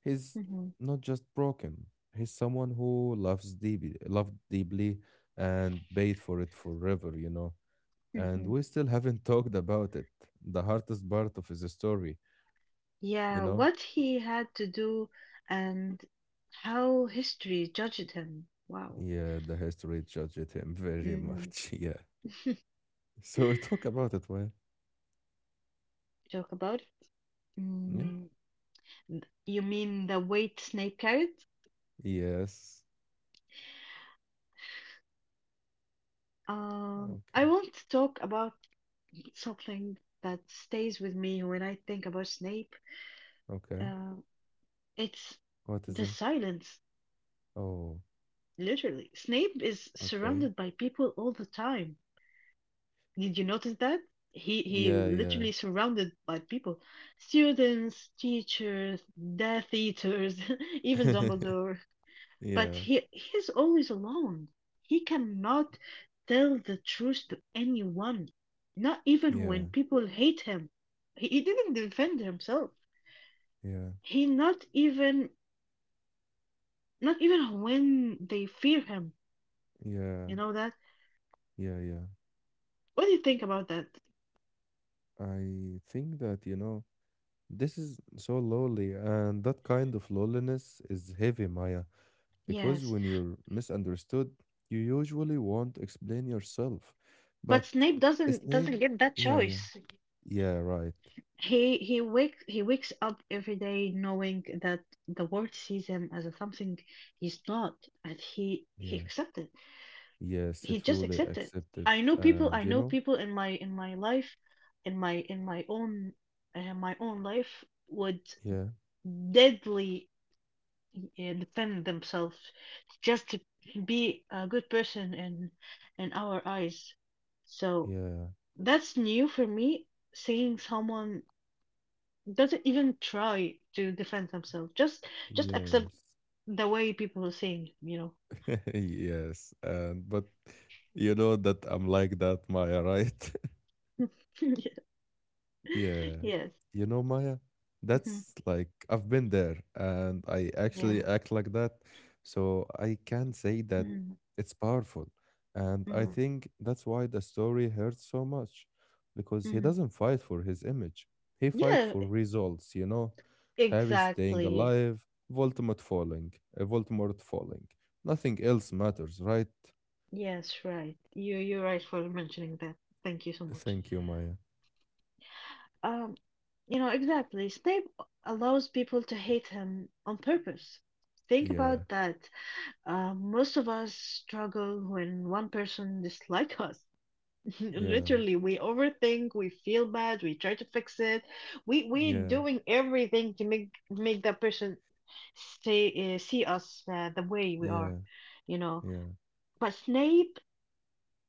[SPEAKER 1] He's
[SPEAKER 2] Hmm.
[SPEAKER 1] not just broken. He's someone who loves deeply, loved deeply and paid for it forever, you know. And
[SPEAKER 2] Hmm.
[SPEAKER 1] we still haven't <laughs> talked about it. The hardest part of his story, you
[SPEAKER 2] Yeah,
[SPEAKER 1] know?
[SPEAKER 2] what he had to do and how history judged him. Wow.
[SPEAKER 1] Yeah, the history judged him very
[SPEAKER 2] Mm.
[SPEAKER 1] much. <laughs> Yeah.
[SPEAKER 2] <laughs>
[SPEAKER 1] So talk about it, Maya.
[SPEAKER 2] Joke about it.
[SPEAKER 1] Yeah.
[SPEAKER 2] Mm. You mean the weight Snape carried?
[SPEAKER 1] Yes.
[SPEAKER 2] I
[SPEAKER 1] Okay.
[SPEAKER 2] want to talk about something that stays with me when I think about Snape.
[SPEAKER 1] Okay.
[SPEAKER 2] Uh, it's
[SPEAKER 1] What is
[SPEAKER 2] the
[SPEAKER 1] it?
[SPEAKER 2] silence,
[SPEAKER 1] Oh,
[SPEAKER 2] literally. Snape is
[SPEAKER 1] okay.
[SPEAKER 2] surrounded by people all the time. Did you notice that? He
[SPEAKER 1] Yeah, yeah.
[SPEAKER 2] literally surrounded by people. Students, teachers, Death Eaters, <laughs> even
[SPEAKER 1] <laughs>
[SPEAKER 2] Dumbledore. But
[SPEAKER 1] Yeah,
[SPEAKER 2] he's always alone. He cannot tell the truth to anyone. Not even when
[SPEAKER 1] yeah,
[SPEAKER 2] people hate him. He didn't defend himself.
[SPEAKER 1] yeah,
[SPEAKER 2] He not even not even when they fear him.
[SPEAKER 1] yeah,
[SPEAKER 2] You know that?
[SPEAKER 1] yeah, yeah.
[SPEAKER 2] What do you think about that?
[SPEAKER 1] I think that, you know, this is so lonely, and that kind of loneliness is heavy, Maya, because
[SPEAKER 2] Yes.
[SPEAKER 1] when you're misunderstood, you usually won't explain yourself.
[SPEAKER 2] But
[SPEAKER 1] But
[SPEAKER 2] Snape doesn't
[SPEAKER 1] Snape,
[SPEAKER 2] doesn't get that
[SPEAKER 1] yeah, yeah,
[SPEAKER 2] choice.
[SPEAKER 1] yeah, right.
[SPEAKER 2] He wakes up every day knowing that the world sees him as something he's not, and he
[SPEAKER 1] Yeah,
[SPEAKER 2] accepted.
[SPEAKER 1] yes, it
[SPEAKER 2] He just
[SPEAKER 1] truly
[SPEAKER 2] accepted.
[SPEAKER 1] accepted.
[SPEAKER 2] I know people.
[SPEAKER 1] And,
[SPEAKER 2] I
[SPEAKER 1] you
[SPEAKER 2] know
[SPEAKER 1] know,
[SPEAKER 2] people in my life, in my own my own life would
[SPEAKER 1] yeah,
[SPEAKER 2] deadly defend themselves just to be a good person in our eyes. So
[SPEAKER 1] yeah,
[SPEAKER 2] that's new for me. Seeing someone doesn't even try to defend themselves. Just accept
[SPEAKER 1] yes.
[SPEAKER 2] the way people are saying, it, you
[SPEAKER 1] <laughs> Yes, and but you know that I'm like that, Maya, right? <laughs>
[SPEAKER 2] know. <laughs> Yeah.
[SPEAKER 1] Yeah.
[SPEAKER 2] Yes.
[SPEAKER 1] You know, Maya,
[SPEAKER 2] Hmm.
[SPEAKER 1] that's like I've been there and I actually
[SPEAKER 2] Yeah.
[SPEAKER 1] act like that. So I can say that
[SPEAKER 2] Mm.
[SPEAKER 1] it's powerful. And I
[SPEAKER 2] Mm.
[SPEAKER 1] think that's why the story hurts so much because he
[SPEAKER 2] Mm.
[SPEAKER 1] doesn't fight for his image. He fight
[SPEAKER 2] Yeah,
[SPEAKER 1] for results, you know. Harry staying
[SPEAKER 2] exactly.
[SPEAKER 1] alive, Voldemort falling, Voldemort falling. Nothing else matters, right?
[SPEAKER 2] Yes, right. You're right for mentioning that. Thank you so much.
[SPEAKER 1] Thank you, Maya.
[SPEAKER 2] Um, you know, exactly. Snape allows people to hate him on purpose. Think
[SPEAKER 1] Yeah,
[SPEAKER 2] about that. Most of us struggle when one person dislike us. <laughs>
[SPEAKER 1] yeah,
[SPEAKER 2] Literally, we overthink, we feel bad, we try to fix it. We're
[SPEAKER 1] yeah,
[SPEAKER 2] doing everything to make that person say see us the way we are,
[SPEAKER 1] yeah,
[SPEAKER 2] you know.
[SPEAKER 1] yeah,
[SPEAKER 2] But Snape,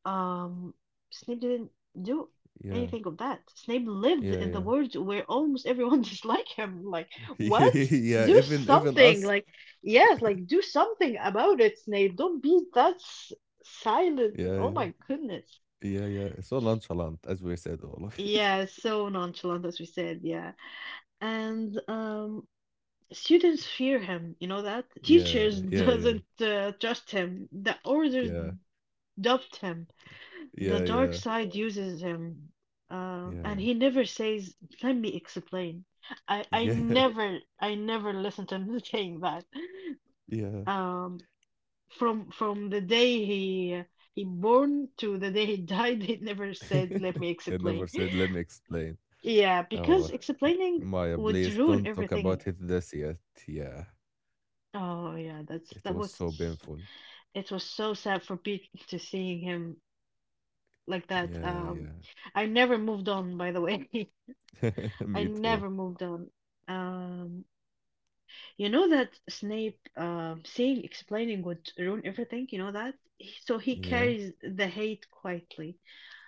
[SPEAKER 2] um, Snape didn't do
[SPEAKER 1] yeah,
[SPEAKER 2] anything of that. Snape lived
[SPEAKER 1] yeah,
[SPEAKER 2] in the
[SPEAKER 1] yeah.
[SPEAKER 2] world where almost everyone <laughs> disliked him. Like,
[SPEAKER 1] <laughs>
[SPEAKER 2] what?
[SPEAKER 1] yeah,
[SPEAKER 2] Do Yeah.
[SPEAKER 1] even even
[SPEAKER 2] something.
[SPEAKER 1] us.
[SPEAKER 2] Like, yes, like do something about it, Snape. Don't be that silent. Oh
[SPEAKER 1] Yeah,
[SPEAKER 2] my goodness.
[SPEAKER 1] yeah, yeah, yeah. So nonchalant, as we said, والله. <laughs>
[SPEAKER 2] Yeah, so nonchalant as we said, yeah. And students fear him, you know that?
[SPEAKER 1] Yeah,
[SPEAKER 2] Teachers <laughs>
[SPEAKER 1] yeah, yeah,
[SPEAKER 2] doesn't trust him. The orders
[SPEAKER 1] yeah,
[SPEAKER 2] dubbed him. The
[SPEAKER 1] yeah,
[SPEAKER 2] dark
[SPEAKER 1] yeah,
[SPEAKER 2] side uses him.
[SPEAKER 1] yeah,
[SPEAKER 2] And he never says, "Let me explain." I I
[SPEAKER 1] yeah, <laughs>
[SPEAKER 2] never I never listened to him <laughs> saying that.
[SPEAKER 1] yeah.
[SPEAKER 2] Um from the day he born to the day he died, <laughs> he never said, "Let
[SPEAKER 1] <laughs>
[SPEAKER 2] me
[SPEAKER 1] I never
[SPEAKER 2] explain."
[SPEAKER 1] said, let me explain.
[SPEAKER 2] Yeah, because
[SPEAKER 1] Oh,
[SPEAKER 2] explaining
[SPEAKER 1] Maya,
[SPEAKER 2] would
[SPEAKER 1] please
[SPEAKER 2] ruin
[SPEAKER 1] don't talk
[SPEAKER 2] everything.
[SPEAKER 1] about it this yet. Yeah,
[SPEAKER 2] Oh yeah, that's
[SPEAKER 1] it
[SPEAKER 2] that
[SPEAKER 1] was
[SPEAKER 2] was
[SPEAKER 1] so painful.
[SPEAKER 2] it was so sad for Pete to seeing him like that.
[SPEAKER 1] Yeah,
[SPEAKER 2] I never moved on by the way.
[SPEAKER 1] yeah. <laughs>
[SPEAKER 2] <laughs> I
[SPEAKER 1] me too.
[SPEAKER 2] never moved on. Um you know that Snape seeing explaining would ruin everything, you know that? So he
[SPEAKER 1] Yeah.
[SPEAKER 2] carries the hate quietly.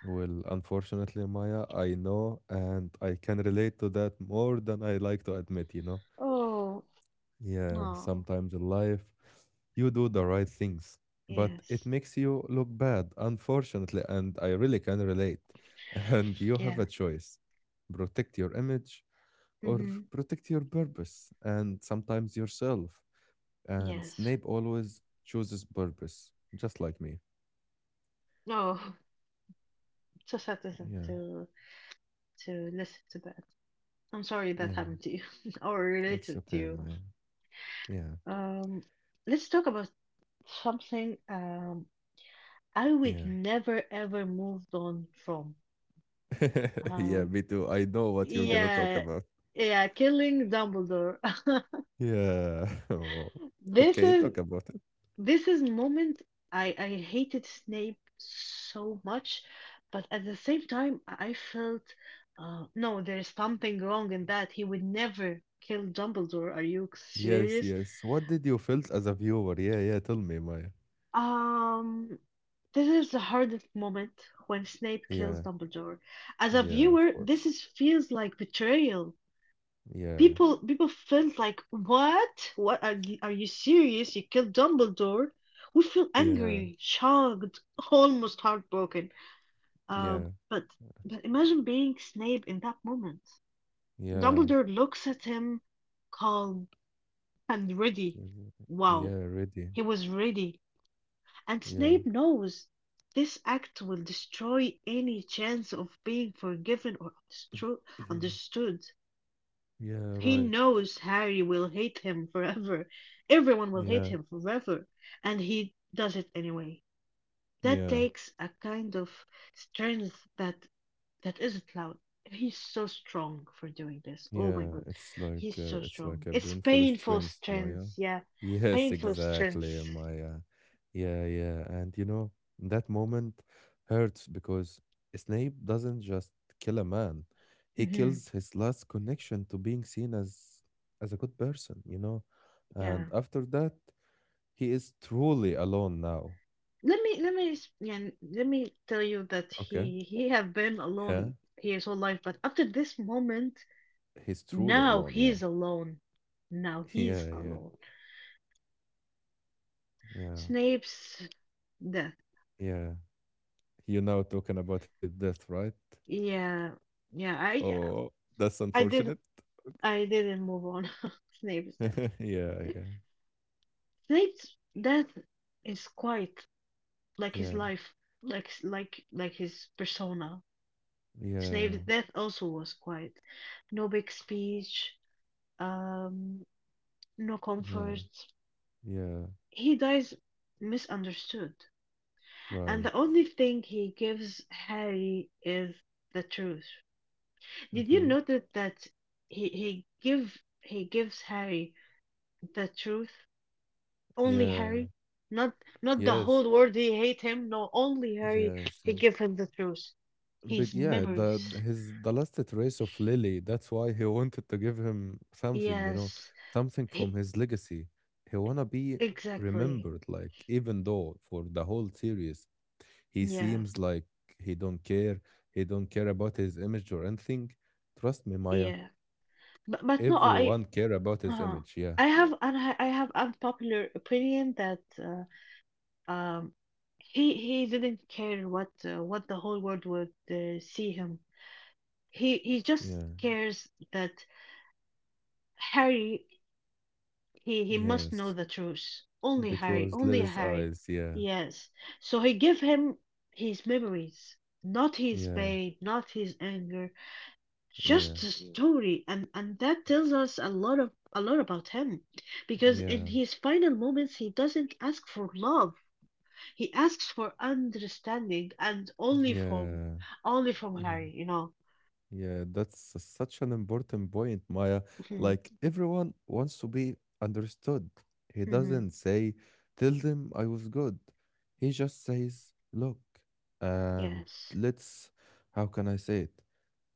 [SPEAKER 1] Well, unfortunately, Maya, I know and I can relate to that more than I like to admit, you know?
[SPEAKER 2] Oh,
[SPEAKER 1] Yeah,
[SPEAKER 2] no.
[SPEAKER 1] sometimes in life, you do the right things, but it
[SPEAKER 2] Yes.
[SPEAKER 1] makes you look bad, unfortunately, and I really can relate. <laughs> And you have a
[SPEAKER 2] Yeah.
[SPEAKER 1] choice protect your image or
[SPEAKER 2] Mm-hmm.
[SPEAKER 1] protect your purpose and sometimes yourself. And
[SPEAKER 2] Yes.
[SPEAKER 1] Snape always chooses purpose, just like me.
[SPEAKER 2] Oh, <laughs> so sad
[SPEAKER 1] Yeah,
[SPEAKER 2] to to listen to that. I'm sorry that
[SPEAKER 1] yeah,
[SPEAKER 2] happened to you <laughs> or
[SPEAKER 1] it's
[SPEAKER 2] related to
[SPEAKER 1] okay,
[SPEAKER 2] you.
[SPEAKER 1] Maya. Yeah,
[SPEAKER 2] Um, let's talk about something I would
[SPEAKER 1] yeah.
[SPEAKER 2] never ever moved on from.
[SPEAKER 1] <laughs> Yeah,
[SPEAKER 2] Um,
[SPEAKER 1] me too. I know
[SPEAKER 2] Oh,
[SPEAKER 1] what you're gonna talk
[SPEAKER 2] yeah,
[SPEAKER 1] about.
[SPEAKER 2] yeah, killing Dumbledore. <laughs>
[SPEAKER 1] Yeah. <laughs> Oh,
[SPEAKER 2] This
[SPEAKER 1] okay,
[SPEAKER 2] is
[SPEAKER 1] talk about it.
[SPEAKER 2] this is moment I hated Snape so much, but at the same time I felt no, there is something wrong in that. He would never kill Dumbledore. Are you
[SPEAKER 1] Yes,
[SPEAKER 2] serious?
[SPEAKER 1] yes. What did you felt as a viewer? Yeah, yeah. Tell me, Maya.
[SPEAKER 2] Um, this is the hardest moment when Snape kills
[SPEAKER 1] Yeah,
[SPEAKER 2] Dumbledore. As a
[SPEAKER 1] yeah. Of
[SPEAKER 2] viewer, this
[SPEAKER 1] course.
[SPEAKER 2] is feels like betrayal.
[SPEAKER 1] Yeah,
[SPEAKER 2] People felt like, "What? What are you serious? You killed Dumbledore?" We feel
[SPEAKER 1] yeah,
[SPEAKER 2] angry, shocked, <laughs> almost heartbroken.
[SPEAKER 1] yeah,
[SPEAKER 2] Um, but but imagine being Snape in that moment.
[SPEAKER 1] yeah,
[SPEAKER 2] Dumbledore looks at him, calm and ready. Wow,
[SPEAKER 1] yeah. Ready.
[SPEAKER 2] he was ready. And
[SPEAKER 1] Yeah,
[SPEAKER 2] Snape knows this act will destroy any chance of being forgiven or
[SPEAKER 1] <clears throat>
[SPEAKER 2] understood.
[SPEAKER 1] yeah.
[SPEAKER 2] He
[SPEAKER 1] Right.
[SPEAKER 2] knows Harry will hate him forever. Everyone will hate
[SPEAKER 1] Yeah,
[SPEAKER 2] him forever. And he does it anyway. That
[SPEAKER 1] yeah.
[SPEAKER 2] takes a kind of strength that that isn't loud. He's so strong for doing this. Oh my
[SPEAKER 1] Yeah,
[SPEAKER 2] god. He's so
[SPEAKER 1] it's like
[SPEAKER 2] strong.
[SPEAKER 1] a
[SPEAKER 2] It's
[SPEAKER 1] painful
[SPEAKER 2] painful
[SPEAKER 1] strength, Maya.
[SPEAKER 2] strength, yeah.
[SPEAKER 1] <laughs> Yes,
[SPEAKER 2] Painful
[SPEAKER 1] exactly,
[SPEAKER 2] strength.
[SPEAKER 1] Maya. Yeah, yeah, and you know that moment hurts because Snape doesn't just kill a man; he
[SPEAKER 2] Hmm.
[SPEAKER 1] kills his last connection to being seen as a good person, you know. And
[SPEAKER 2] Yeah.
[SPEAKER 1] after that, he is truly alone now.
[SPEAKER 2] Let me tell you that
[SPEAKER 1] Okay,
[SPEAKER 2] he have been
[SPEAKER 1] yeah,
[SPEAKER 2] alone his whole life, but after this moment,
[SPEAKER 1] he's truly
[SPEAKER 2] now
[SPEAKER 1] alone. Yeah,
[SPEAKER 2] he's alone. Now
[SPEAKER 1] <laughs>
[SPEAKER 2] he's
[SPEAKER 1] yeah, yeah,
[SPEAKER 2] alone.
[SPEAKER 1] yeah,
[SPEAKER 2] Snape's death.
[SPEAKER 1] yeah. You now talking about his death, right?
[SPEAKER 2] Yeah, yeah. I yeah,
[SPEAKER 1] Oh, that's
[SPEAKER 2] I
[SPEAKER 1] unfortunate.
[SPEAKER 2] did I didn't move on. <laughs> Snape's death.
[SPEAKER 1] <laughs> Yeah, yeah.
[SPEAKER 2] Snape's death is quite like his
[SPEAKER 1] Yeah.
[SPEAKER 2] life, like his persona.
[SPEAKER 1] Yeah.
[SPEAKER 2] Snape's death also was quiet. No big speech. Um. No
[SPEAKER 1] Yeah.
[SPEAKER 2] comfort.
[SPEAKER 1] Yeah.
[SPEAKER 2] He dies misunderstood.
[SPEAKER 1] Right.
[SPEAKER 2] And the only thing he gives Harry is the truth. Did you
[SPEAKER 1] Mhm.
[SPEAKER 2] notice that he he give he gives Harry the truth? Only
[SPEAKER 1] Yeah.
[SPEAKER 2] Harry? Not not the
[SPEAKER 1] Yes.
[SPEAKER 2] whole world He hate him, no only Harry
[SPEAKER 1] Yes. yeah.
[SPEAKER 2] he give him the truth.
[SPEAKER 1] But
[SPEAKER 2] His
[SPEAKER 1] yeah, the the-
[SPEAKER 2] memories.
[SPEAKER 1] his the last trace of Lily, that's why he <laughs> wanted to give him something, you know,
[SPEAKER 2] Yes.
[SPEAKER 1] something from
[SPEAKER 2] He,
[SPEAKER 1] his legacy. He wanna be
[SPEAKER 2] exactly.
[SPEAKER 1] remembered, like even though for the whole series he
[SPEAKER 2] Yeah.
[SPEAKER 1] seems like he don't care, he don't care about his image or anything. Trust me, Maya,
[SPEAKER 2] Yeah. But no I
[SPEAKER 1] everyone care about his
[SPEAKER 2] Uh-huh.
[SPEAKER 1] image. Yeah.
[SPEAKER 2] I have and I have unpopular opinion that um he didn't care what the whole world would see him. He just
[SPEAKER 1] Yeah.
[SPEAKER 2] cares that Harry he must know
[SPEAKER 1] Yes.
[SPEAKER 2] the truth. Only Harry,
[SPEAKER 1] Because
[SPEAKER 2] only
[SPEAKER 1] Lily's
[SPEAKER 2] Harry.
[SPEAKER 1] eyes. Yeah.
[SPEAKER 2] Yes. So he give him his memories, not his
[SPEAKER 1] Yeah.
[SPEAKER 2] pain, not his anger.
[SPEAKER 1] Yeah.
[SPEAKER 2] Just a Mm. story and that tells us a lot of a lot about him because in
[SPEAKER 1] Yeah.
[SPEAKER 2] his final moments he doesn't ask for love. He asks for understanding, and
[SPEAKER 1] Yeah.
[SPEAKER 2] only from
[SPEAKER 1] Yeah.
[SPEAKER 2] Harry, you know.
[SPEAKER 1] Yeah, such an important point, Maya.
[SPEAKER 2] Mhm.
[SPEAKER 1] Like, everyone wants to be understood. He
[SPEAKER 2] Mhm.
[SPEAKER 1] doesn't say, tell them I was good. He just says, look, and
[SPEAKER 2] Yes.
[SPEAKER 1] let's, how can I say it?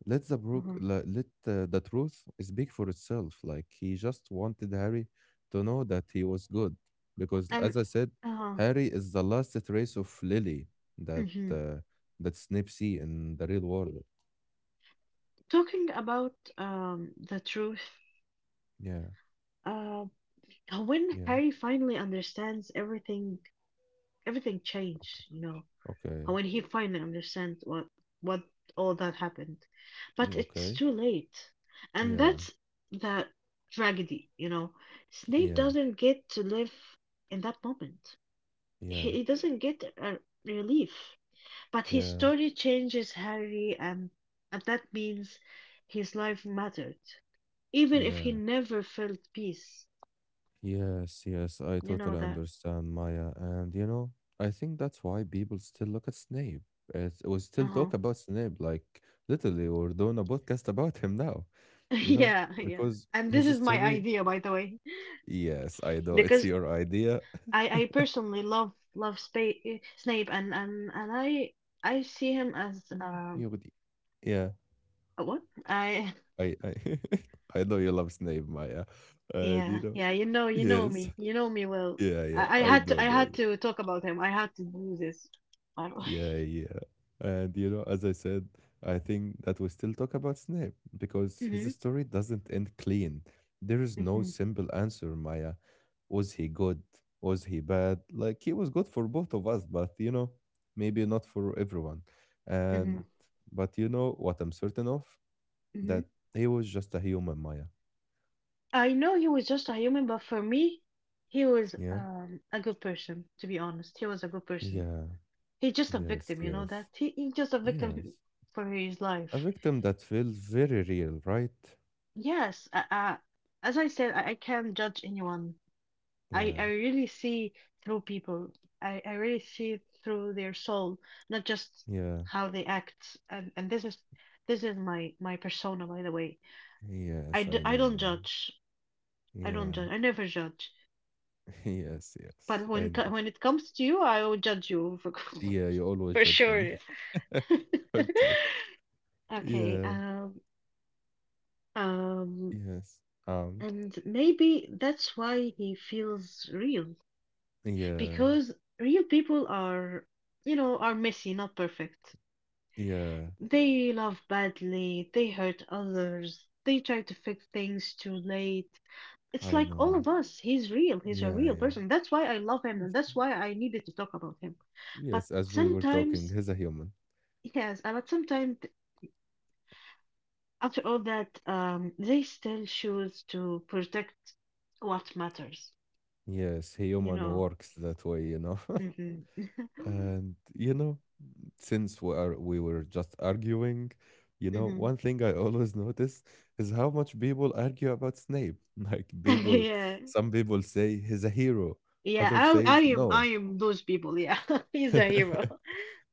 [SPEAKER 1] Let the brook,
[SPEAKER 2] Mhm.
[SPEAKER 1] le- let uh, the truth speak for itself. Like, he just wanted Harry to know that he was good. Because,
[SPEAKER 2] And
[SPEAKER 1] as I said,
[SPEAKER 2] uh,
[SPEAKER 1] Harry is the last trace of Lily that,
[SPEAKER 2] mhm.
[SPEAKER 1] uh, that Snape see in the real world.
[SPEAKER 2] Talking about the truth,
[SPEAKER 1] Yeah.
[SPEAKER 2] uh when
[SPEAKER 1] Yeah.
[SPEAKER 2] Harry finally understands everything, everything changed,
[SPEAKER 1] Okay.
[SPEAKER 2] you know.
[SPEAKER 1] Okay.
[SPEAKER 2] And when he finally understands what all that happened, but
[SPEAKER 1] Yeah,
[SPEAKER 2] it's
[SPEAKER 1] okay.
[SPEAKER 2] too late, and
[SPEAKER 1] Yeah.
[SPEAKER 2] that's that tragedy. You know, Snape
[SPEAKER 1] Yeah.
[SPEAKER 2] doesn't get to live in that moment. He,
[SPEAKER 1] Yeah.
[SPEAKER 2] he doesn't get a relief, but his
[SPEAKER 1] Yeah.
[SPEAKER 2] story changes Harry, and that means his life mattered, even if he
[SPEAKER 1] Yeah.
[SPEAKER 2] never felt peace.
[SPEAKER 1] Yes. Yes. I
[SPEAKER 2] You know
[SPEAKER 1] totally
[SPEAKER 2] that.
[SPEAKER 1] understand, Maya. And you know, I think that's why people still look at Snape. It, we
[SPEAKER 2] Uh
[SPEAKER 1] still
[SPEAKER 2] huh.
[SPEAKER 1] talk
[SPEAKER 2] <laughs>
[SPEAKER 1] about Snape, like literally, we're doing a podcast <laughs> about him now. You know,
[SPEAKER 2] Yeah, yeah.
[SPEAKER 1] because
[SPEAKER 2] And this
[SPEAKER 1] his
[SPEAKER 2] is my
[SPEAKER 1] story.
[SPEAKER 2] idea, by the way,
[SPEAKER 1] Yes, I know it's
[SPEAKER 2] because
[SPEAKER 1] your idea.
[SPEAKER 2] I
[SPEAKER 1] <laughs>
[SPEAKER 2] I personally love Snape and and I see him as
[SPEAKER 1] Mm. yeah, but yeah,
[SPEAKER 2] a what? I
[SPEAKER 1] I, I, <laughs> I know you love Snape, Maya.
[SPEAKER 2] <laughs>
[SPEAKER 1] And you
[SPEAKER 2] yeah
[SPEAKER 1] know,
[SPEAKER 2] yeah
[SPEAKER 1] yes.
[SPEAKER 2] you know me well.
[SPEAKER 1] Yeah, yeah,
[SPEAKER 2] I
[SPEAKER 1] I
[SPEAKER 2] had to I
[SPEAKER 1] don't know.
[SPEAKER 2] had to talk about him. I had to do this. I don't-
[SPEAKER 1] Yeah,
[SPEAKER 2] <laughs>
[SPEAKER 1] yeah. And you know, as I said, I think that we still talk about Snape because his
[SPEAKER 2] Mhm.
[SPEAKER 1] story doesn't end clean. There is no
[SPEAKER 2] Mhm.
[SPEAKER 1] simple answer, Maya. Was he good? Was he bad? Like he was good for both of us, but you know, maybe not for everyone. And
[SPEAKER 2] Mhm.
[SPEAKER 1] but you know what I'm certain of?
[SPEAKER 2] Mhm.
[SPEAKER 1] That he was just a human, Maya.
[SPEAKER 2] <laughs> I know he was just a human, but for me, he was
[SPEAKER 1] Yeah?
[SPEAKER 2] a good person. To be honest, he was a good person.
[SPEAKER 1] Yeah.
[SPEAKER 2] He's just a
[SPEAKER 1] Yes,
[SPEAKER 2] victim, you know that.
[SPEAKER 1] yes.
[SPEAKER 2] He's just a victim
[SPEAKER 1] Yes.
[SPEAKER 2] for his
[SPEAKER 1] A
[SPEAKER 2] life.
[SPEAKER 1] victim that feels very real, right?
[SPEAKER 2] Yes, as I said, I can't judge anyone. I
[SPEAKER 1] Yeah.
[SPEAKER 2] really see through people. I really see through their soul, not just
[SPEAKER 1] Yeah.
[SPEAKER 2] how they act. And this is my my persona, by the way. I,
[SPEAKER 1] Yes,
[SPEAKER 2] d
[SPEAKER 1] I
[SPEAKER 2] I
[SPEAKER 1] know,
[SPEAKER 2] don't
[SPEAKER 1] man.
[SPEAKER 2] judge. I don't
[SPEAKER 1] Yeah.
[SPEAKER 2] judge. I
[SPEAKER 1] <laughs>
[SPEAKER 2] never judge.
[SPEAKER 1] Yes,
[SPEAKER 2] But
[SPEAKER 1] yes, I
[SPEAKER 2] when
[SPEAKER 1] know.
[SPEAKER 2] when it comes to you, I will judge you for
[SPEAKER 1] Yeah, you
[SPEAKER 2] <laughs>
[SPEAKER 1] always
[SPEAKER 2] for
[SPEAKER 1] judge me.
[SPEAKER 2] sure.
[SPEAKER 1] More. <laughs>
[SPEAKER 2] <laughs>
[SPEAKER 1] Okay.
[SPEAKER 2] Okay,
[SPEAKER 1] Yeah.
[SPEAKER 2] um,
[SPEAKER 1] Yes.
[SPEAKER 2] and maybe that's why he feels real.
[SPEAKER 1] Yeah.
[SPEAKER 2] Because real people are you know are messy, not perfect.
[SPEAKER 1] Yeah,
[SPEAKER 2] They love badly, they hurt others, they try to fix things too late. It's
[SPEAKER 1] I
[SPEAKER 2] like all
[SPEAKER 1] know.
[SPEAKER 2] of us. He's real, he's a
[SPEAKER 1] Yeah,
[SPEAKER 2] real
[SPEAKER 1] yeah.
[SPEAKER 2] person. That's why I love him, and
[SPEAKER 1] Yes,
[SPEAKER 2] that's why I needed to talk about him. But
[SPEAKER 1] yes, as we were talking,
[SPEAKER 2] sometimes
[SPEAKER 1] he's a human.
[SPEAKER 2] yes but sometimes after all that they still choose to protect what matters,
[SPEAKER 1] Yes,
[SPEAKER 2] you
[SPEAKER 1] human
[SPEAKER 2] know.
[SPEAKER 1] works that way, you know. <laughs>
[SPEAKER 2] Hmm. <laughs>
[SPEAKER 1] And you know, since we were just arguing, you know,
[SPEAKER 2] Hmm.
[SPEAKER 1] one thing I <laughs> always notice is how much people argue about Snape. <laughs> Like
[SPEAKER 2] <laughs>
[SPEAKER 1] people,
[SPEAKER 2] Yeah.
[SPEAKER 1] some people say he's a hero,
[SPEAKER 2] Yeah,
[SPEAKER 1] other
[SPEAKER 2] I I
[SPEAKER 1] says
[SPEAKER 2] am I
[SPEAKER 1] no.
[SPEAKER 2] am those people. Yeah, <laughs> he's a
[SPEAKER 1] <laughs>
[SPEAKER 2] hero.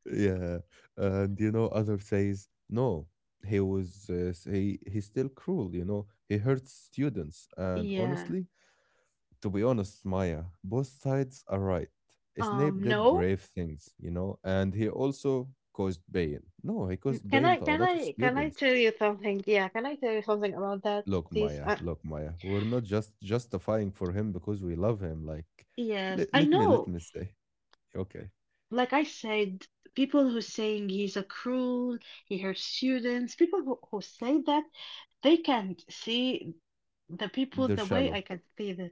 [SPEAKER 1] yeah, and you know, other says no. He was he he's still cruel. You know, he hurts students, and
[SPEAKER 2] Yeah.
[SPEAKER 1] honestly, to be honest, Maya, both sides are right. Snape did
[SPEAKER 2] No.
[SPEAKER 1] brave things, you know, and he also caused pain. No, he caused
[SPEAKER 2] Can
[SPEAKER 1] pain
[SPEAKER 2] I
[SPEAKER 1] to a
[SPEAKER 2] can
[SPEAKER 1] lot of
[SPEAKER 2] I can I
[SPEAKER 1] students.
[SPEAKER 2] tell you something? Yeah, can I tell you something about that, please?
[SPEAKER 1] Look, Maya, we're not just justifying for him because we love him. Like,
[SPEAKER 2] Yes, I
[SPEAKER 1] let
[SPEAKER 2] know.
[SPEAKER 1] me say, okay,
[SPEAKER 2] Like I said, people who saying he's a cruel, he hurts students, people who say that they can't see the people
[SPEAKER 1] they're
[SPEAKER 2] the way
[SPEAKER 1] shallow.
[SPEAKER 2] I can see them.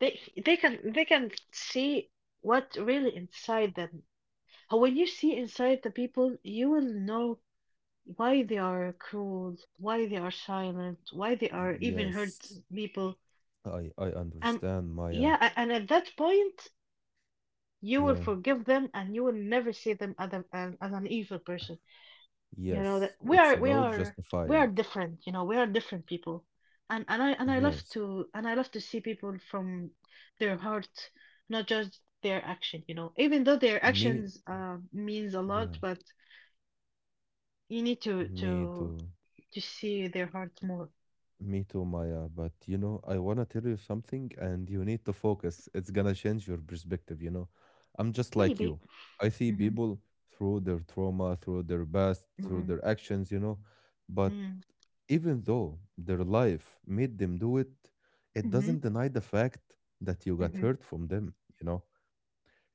[SPEAKER 2] They they can see what really inside them. And when you see inside the people, you will know why they are cruel, why they are silent, why they are even hurt
[SPEAKER 1] Yes,
[SPEAKER 2] people.
[SPEAKER 1] I
[SPEAKER 2] And
[SPEAKER 1] understand, Maya.
[SPEAKER 2] yeah, and at that point, you will
[SPEAKER 1] Yeah,
[SPEAKER 2] forgive them and you will never see them as, a, as, as an evil person. You know that
[SPEAKER 1] yes,
[SPEAKER 2] we
[SPEAKER 1] it's
[SPEAKER 2] are we
[SPEAKER 1] about
[SPEAKER 2] are we are
[SPEAKER 1] justifying.
[SPEAKER 2] different, you know, we are different people. And and I love
[SPEAKER 1] Yes,
[SPEAKER 2] to see people from their heart, not just their action, you know. Even though their
[SPEAKER 1] me,
[SPEAKER 2] actions means a
[SPEAKER 1] yeah,
[SPEAKER 2] lot, but you need to
[SPEAKER 1] me
[SPEAKER 2] to
[SPEAKER 1] too.
[SPEAKER 2] to see their heart more.
[SPEAKER 1] Me too, Maya. But you know, I want to tell you something, and you need to focus. It's gonna change your perspective, you know. I'm just like
[SPEAKER 2] Maybe
[SPEAKER 1] you. I see
[SPEAKER 2] Mhm.
[SPEAKER 1] people through their trauma, through their past, through
[SPEAKER 2] Mhm.
[SPEAKER 1] their actions, you know. But
[SPEAKER 2] Mm.
[SPEAKER 1] even though their life made them do it, it
[SPEAKER 2] Mhm.
[SPEAKER 1] doesn't deny the fact that you got
[SPEAKER 2] Mhm.
[SPEAKER 1] hurt from them, you know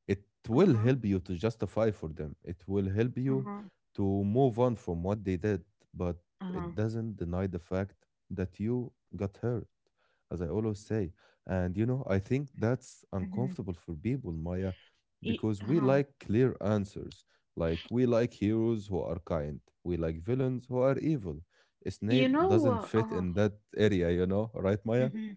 [SPEAKER 1] it will
[SPEAKER 2] Uh-huh.
[SPEAKER 1] help you to justify for them. It will help you
[SPEAKER 2] Uh-huh.
[SPEAKER 1] to move on from what they did, but it
[SPEAKER 2] Uh-huh.
[SPEAKER 1] doesn't deny the fact that you got hurt, as I always say. And you know, I think that's
[SPEAKER 2] Mhm.
[SPEAKER 1] uncomfortable for people, Maya, because we
[SPEAKER 2] Uh-huh.
[SPEAKER 1] like clear answers. Like we like heroes who are kind, we like villains who are evil. Snape
[SPEAKER 2] You know
[SPEAKER 1] doesn't
[SPEAKER 2] what?
[SPEAKER 1] fit
[SPEAKER 2] Uh-huh.
[SPEAKER 1] in that area, you know, right, Maya?
[SPEAKER 2] Mhm.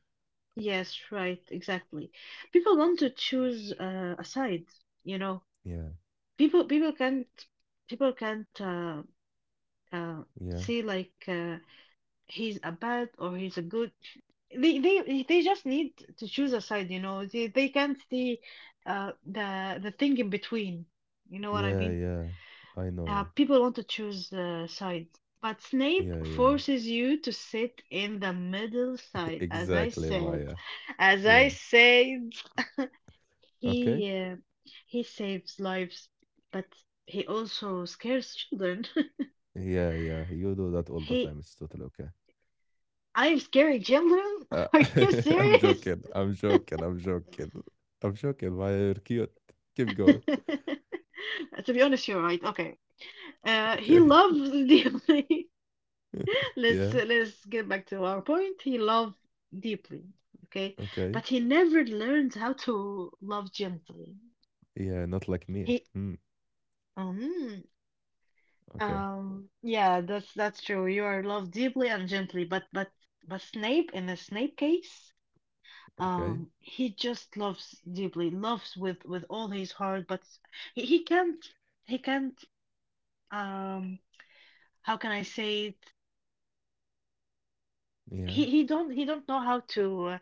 [SPEAKER 2] Yes, right, exactly. People want to choose a side, you know.
[SPEAKER 1] Yeah,
[SPEAKER 2] People people can't uh,
[SPEAKER 1] yeah,
[SPEAKER 2] say like he's a bad or he's a good. They just need to choose a side, you know. They can't see the thing in between. You know what I
[SPEAKER 1] yeah,
[SPEAKER 2] mean?
[SPEAKER 1] yeah. I know.
[SPEAKER 2] People want to choose sides, but Snape
[SPEAKER 1] Yeah, yeah.
[SPEAKER 2] forces you to sit in the middle
[SPEAKER 1] <laughs>
[SPEAKER 2] side.
[SPEAKER 1] Exactly, Maya.
[SPEAKER 2] As I
[SPEAKER 1] Yeah.
[SPEAKER 2] said,
[SPEAKER 1] Okay.
[SPEAKER 2] he uh, he saves lives, but he also scares children. <laughs>
[SPEAKER 1] Yeah, yeah. You do that all the time.
[SPEAKER 2] He,
[SPEAKER 1] It's totally okay.
[SPEAKER 2] I'm scaring children?
[SPEAKER 1] Uh,
[SPEAKER 2] <laughs> Are you
[SPEAKER 1] <laughs> I'm
[SPEAKER 2] serious?
[SPEAKER 1] joking. I'm joking. I'm joking. I'm joking, Maya. You're cute. Keep going.
[SPEAKER 2] <laughs> To be honest, you're right. Okay. He
[SPEAKER 1] Okay.
[SPEAKER 2] loves <laughs>
[SPEAKER 1] <laughs>
[SPEAKER 2] the
[SPEAKER 1] Yeah.
[SPEAKER 2] let's get back to our point. He loved deeply, okay,
[SPEAKER 1] Okay.
[SPEAKER 2] but he never learned how to love gently.
[SPEAKER 1] Yeah. Not like me.
[SPEAKER 2] He
[SPEAKER 1] Hmm.
[SPEAKER 2] um
[SPEAKER 1] Okay.
[SPEAKER 2] yeah, that's true. You are loved deeply and gently, but Snape in the Snape case,
[SPEAKER 1] Okay.
[SPEAKER 2] he just loves deeply, loves with all his heart, but he can't he can't um how can I say it?
[SPEAKER 1] Yeah.
[SPEAKER 2] He don't know uh,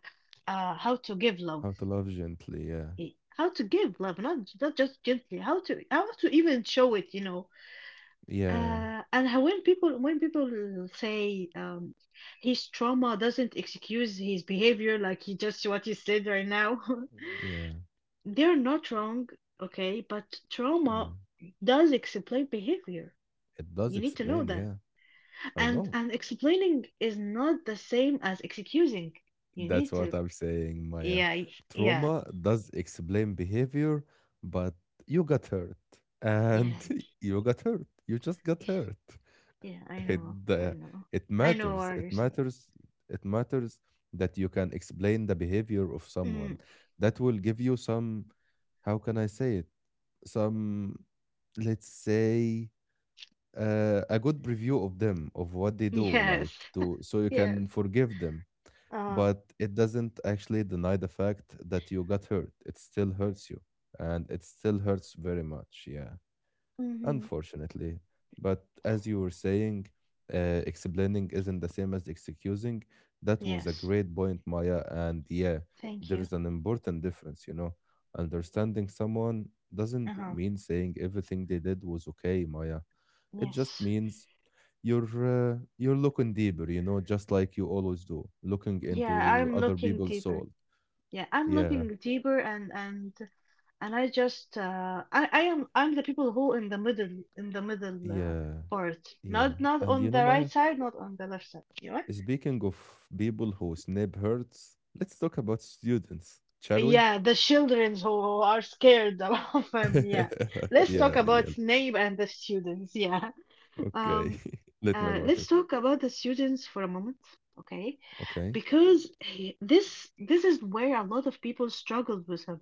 [SPEAKER 2] uh how to give love
[SPEAKER 1] How to love gently. Yeah.
[SPEAKER 2] how to give love not, not just gently, how to even show it.
[SPEAKER 1] Yeah.
[SPEAKER 2] And how when people say his trauma doesn't excuse his behavior, like he just what you said right now.
[SPEAKER 1] Yeah.
[SPEAKER 2] <laughs> They're not wrong. Okay, but
[SPEAKER 1] Yeah.
[SPEAKER 2] trauma does explain behavior,
[SPEAKER 1] It does
[SPEAKER 2] you need to know
[SPEAKER 1] explain.
[SPEAKER 2] that.
[SPEAKER 1] Yeah. I
[SPEAKER 2] and
[SPEAKER 1] know.
[SPEAKER 2] and explaining is not the same as excusing. You
[SPEAKER 1] That's
[SPEAKER 2] need
[SPEAKER 1] what
[SPEAKER 2] to
[SPEAKER 1] I'm saying, Maya.
[SPEAKER 2] yeah y- yeah
[SPEAKER 1] Trauma does explain behavior, but you got hurt, and
[SPEAKER 2] yeah
[SPEAKER 1] <laughs> you got hurt. You just got hurt.
[SPEAKER 2] Yeah, I
[SPEAKER 1] It
[SPEAKER 2] know. I
[SPEAKER 1] uh,
[SPEAKER 2] know.
[SPEAKER 1] it
[SPEAKER 2] I know
[SPEAKER 1] matters.
[SPEAKER 2] what
[SPEAKER 1] It
[SPEAKER 2] you're saying.
[SPEAKER 1] matters. It matters that you can explain the behavior of
[SPEAKER 2] Mm,
[SPEAKER 1] someone. That will give you some. How can I say it? Some, let's say, a good preview of them of what they do, like
[SPEAKER 2] yes. <laughs>
[SPEAKER 1] to so you
[SPEAKER 2] Yes.
[SPEAKER 1] can forgive them
[SPEAKER 2] Uh,
[SPEAKER 1] but it doesn't actually deny the fact that you got hurt. It still hurts you, and it still hurts very much. Yeah,
[SPEAKER 2] mm-hmm.
[SPEAKER 1] unfortunately. But as you were saying, explaining isn't the same as excusing. That was a
[SPEAKER 2] Yes.
[SPEAKER 1] great point, Maya. And yeah,
[SPEAKER 2] Thank
[SPEAKER 1] there
[SPEAKER 2] you.
[SPEAKER 1] is an important difference, you know. Understanding someone doesn't
[SPEAKER 2] Uh-huh.
[SPEAKER 1] mean saying everything they did was okay, Maya. It just
[SPEAKER 2] Yes.
[SPEAKER 1] means you're you're looking deeper, just like you always do looking
[SPEAKER 2] Yeah,
[SPEAKER 1] into
[SPEAKER 2] I'm
[SPEAKER 1] other
[SPEAKER 2] looking
[SPEAKER 1] people's
[SPEAKER 2] deeper.
[SPEAKER 1] soul.
[SPEAKER 2] Yeah, I'm
[SPEAKER 1] Yeah,
[SPEAKER 2] looking deeper, and I just I'm the people who in the middle, in the middle uh,
[SPEAKER 1] yeah,
[SPEAKER 2] part.
[SPEAKER 1] yeah.
[SPEAKER 2] Not
[SPEAKER 1] And you
[SPEAKER 2] on
[SPEAKER 1] know,
[SPEAKER 2] the
[SPEAKER 1] Maya,
[SPEAKER 2] right side, not on the left side. You know?
[SPEAKER 1] speaking of people who snap hurts, let's talk about students, shall we?
[SPEAKER 2] Yeah, the children who are scared <laughs> of them. Yeah.
[SPEAKER 1] <laughs>
[SPEAKER 2] Let's
[SPEAKER 1] Yeah,
[SPEAKER 2] talk
[SPEAKER 1] yeah.
[SPEAKER 2] about Snape and the students. Yeah.
[SPEAKER 1] Okay.
[SPEAKER 2] Um,
[SPEAKER 1] <laughs> Let me about
[SPEAKER 2] let's
[SPEAKER 1] it.
[SPEAKER 2] talk about the students for a moment, okay?
[SPEAKER 1] Okay.
[SPEAKER 2] Because he, this is where a lot of people struggled with him.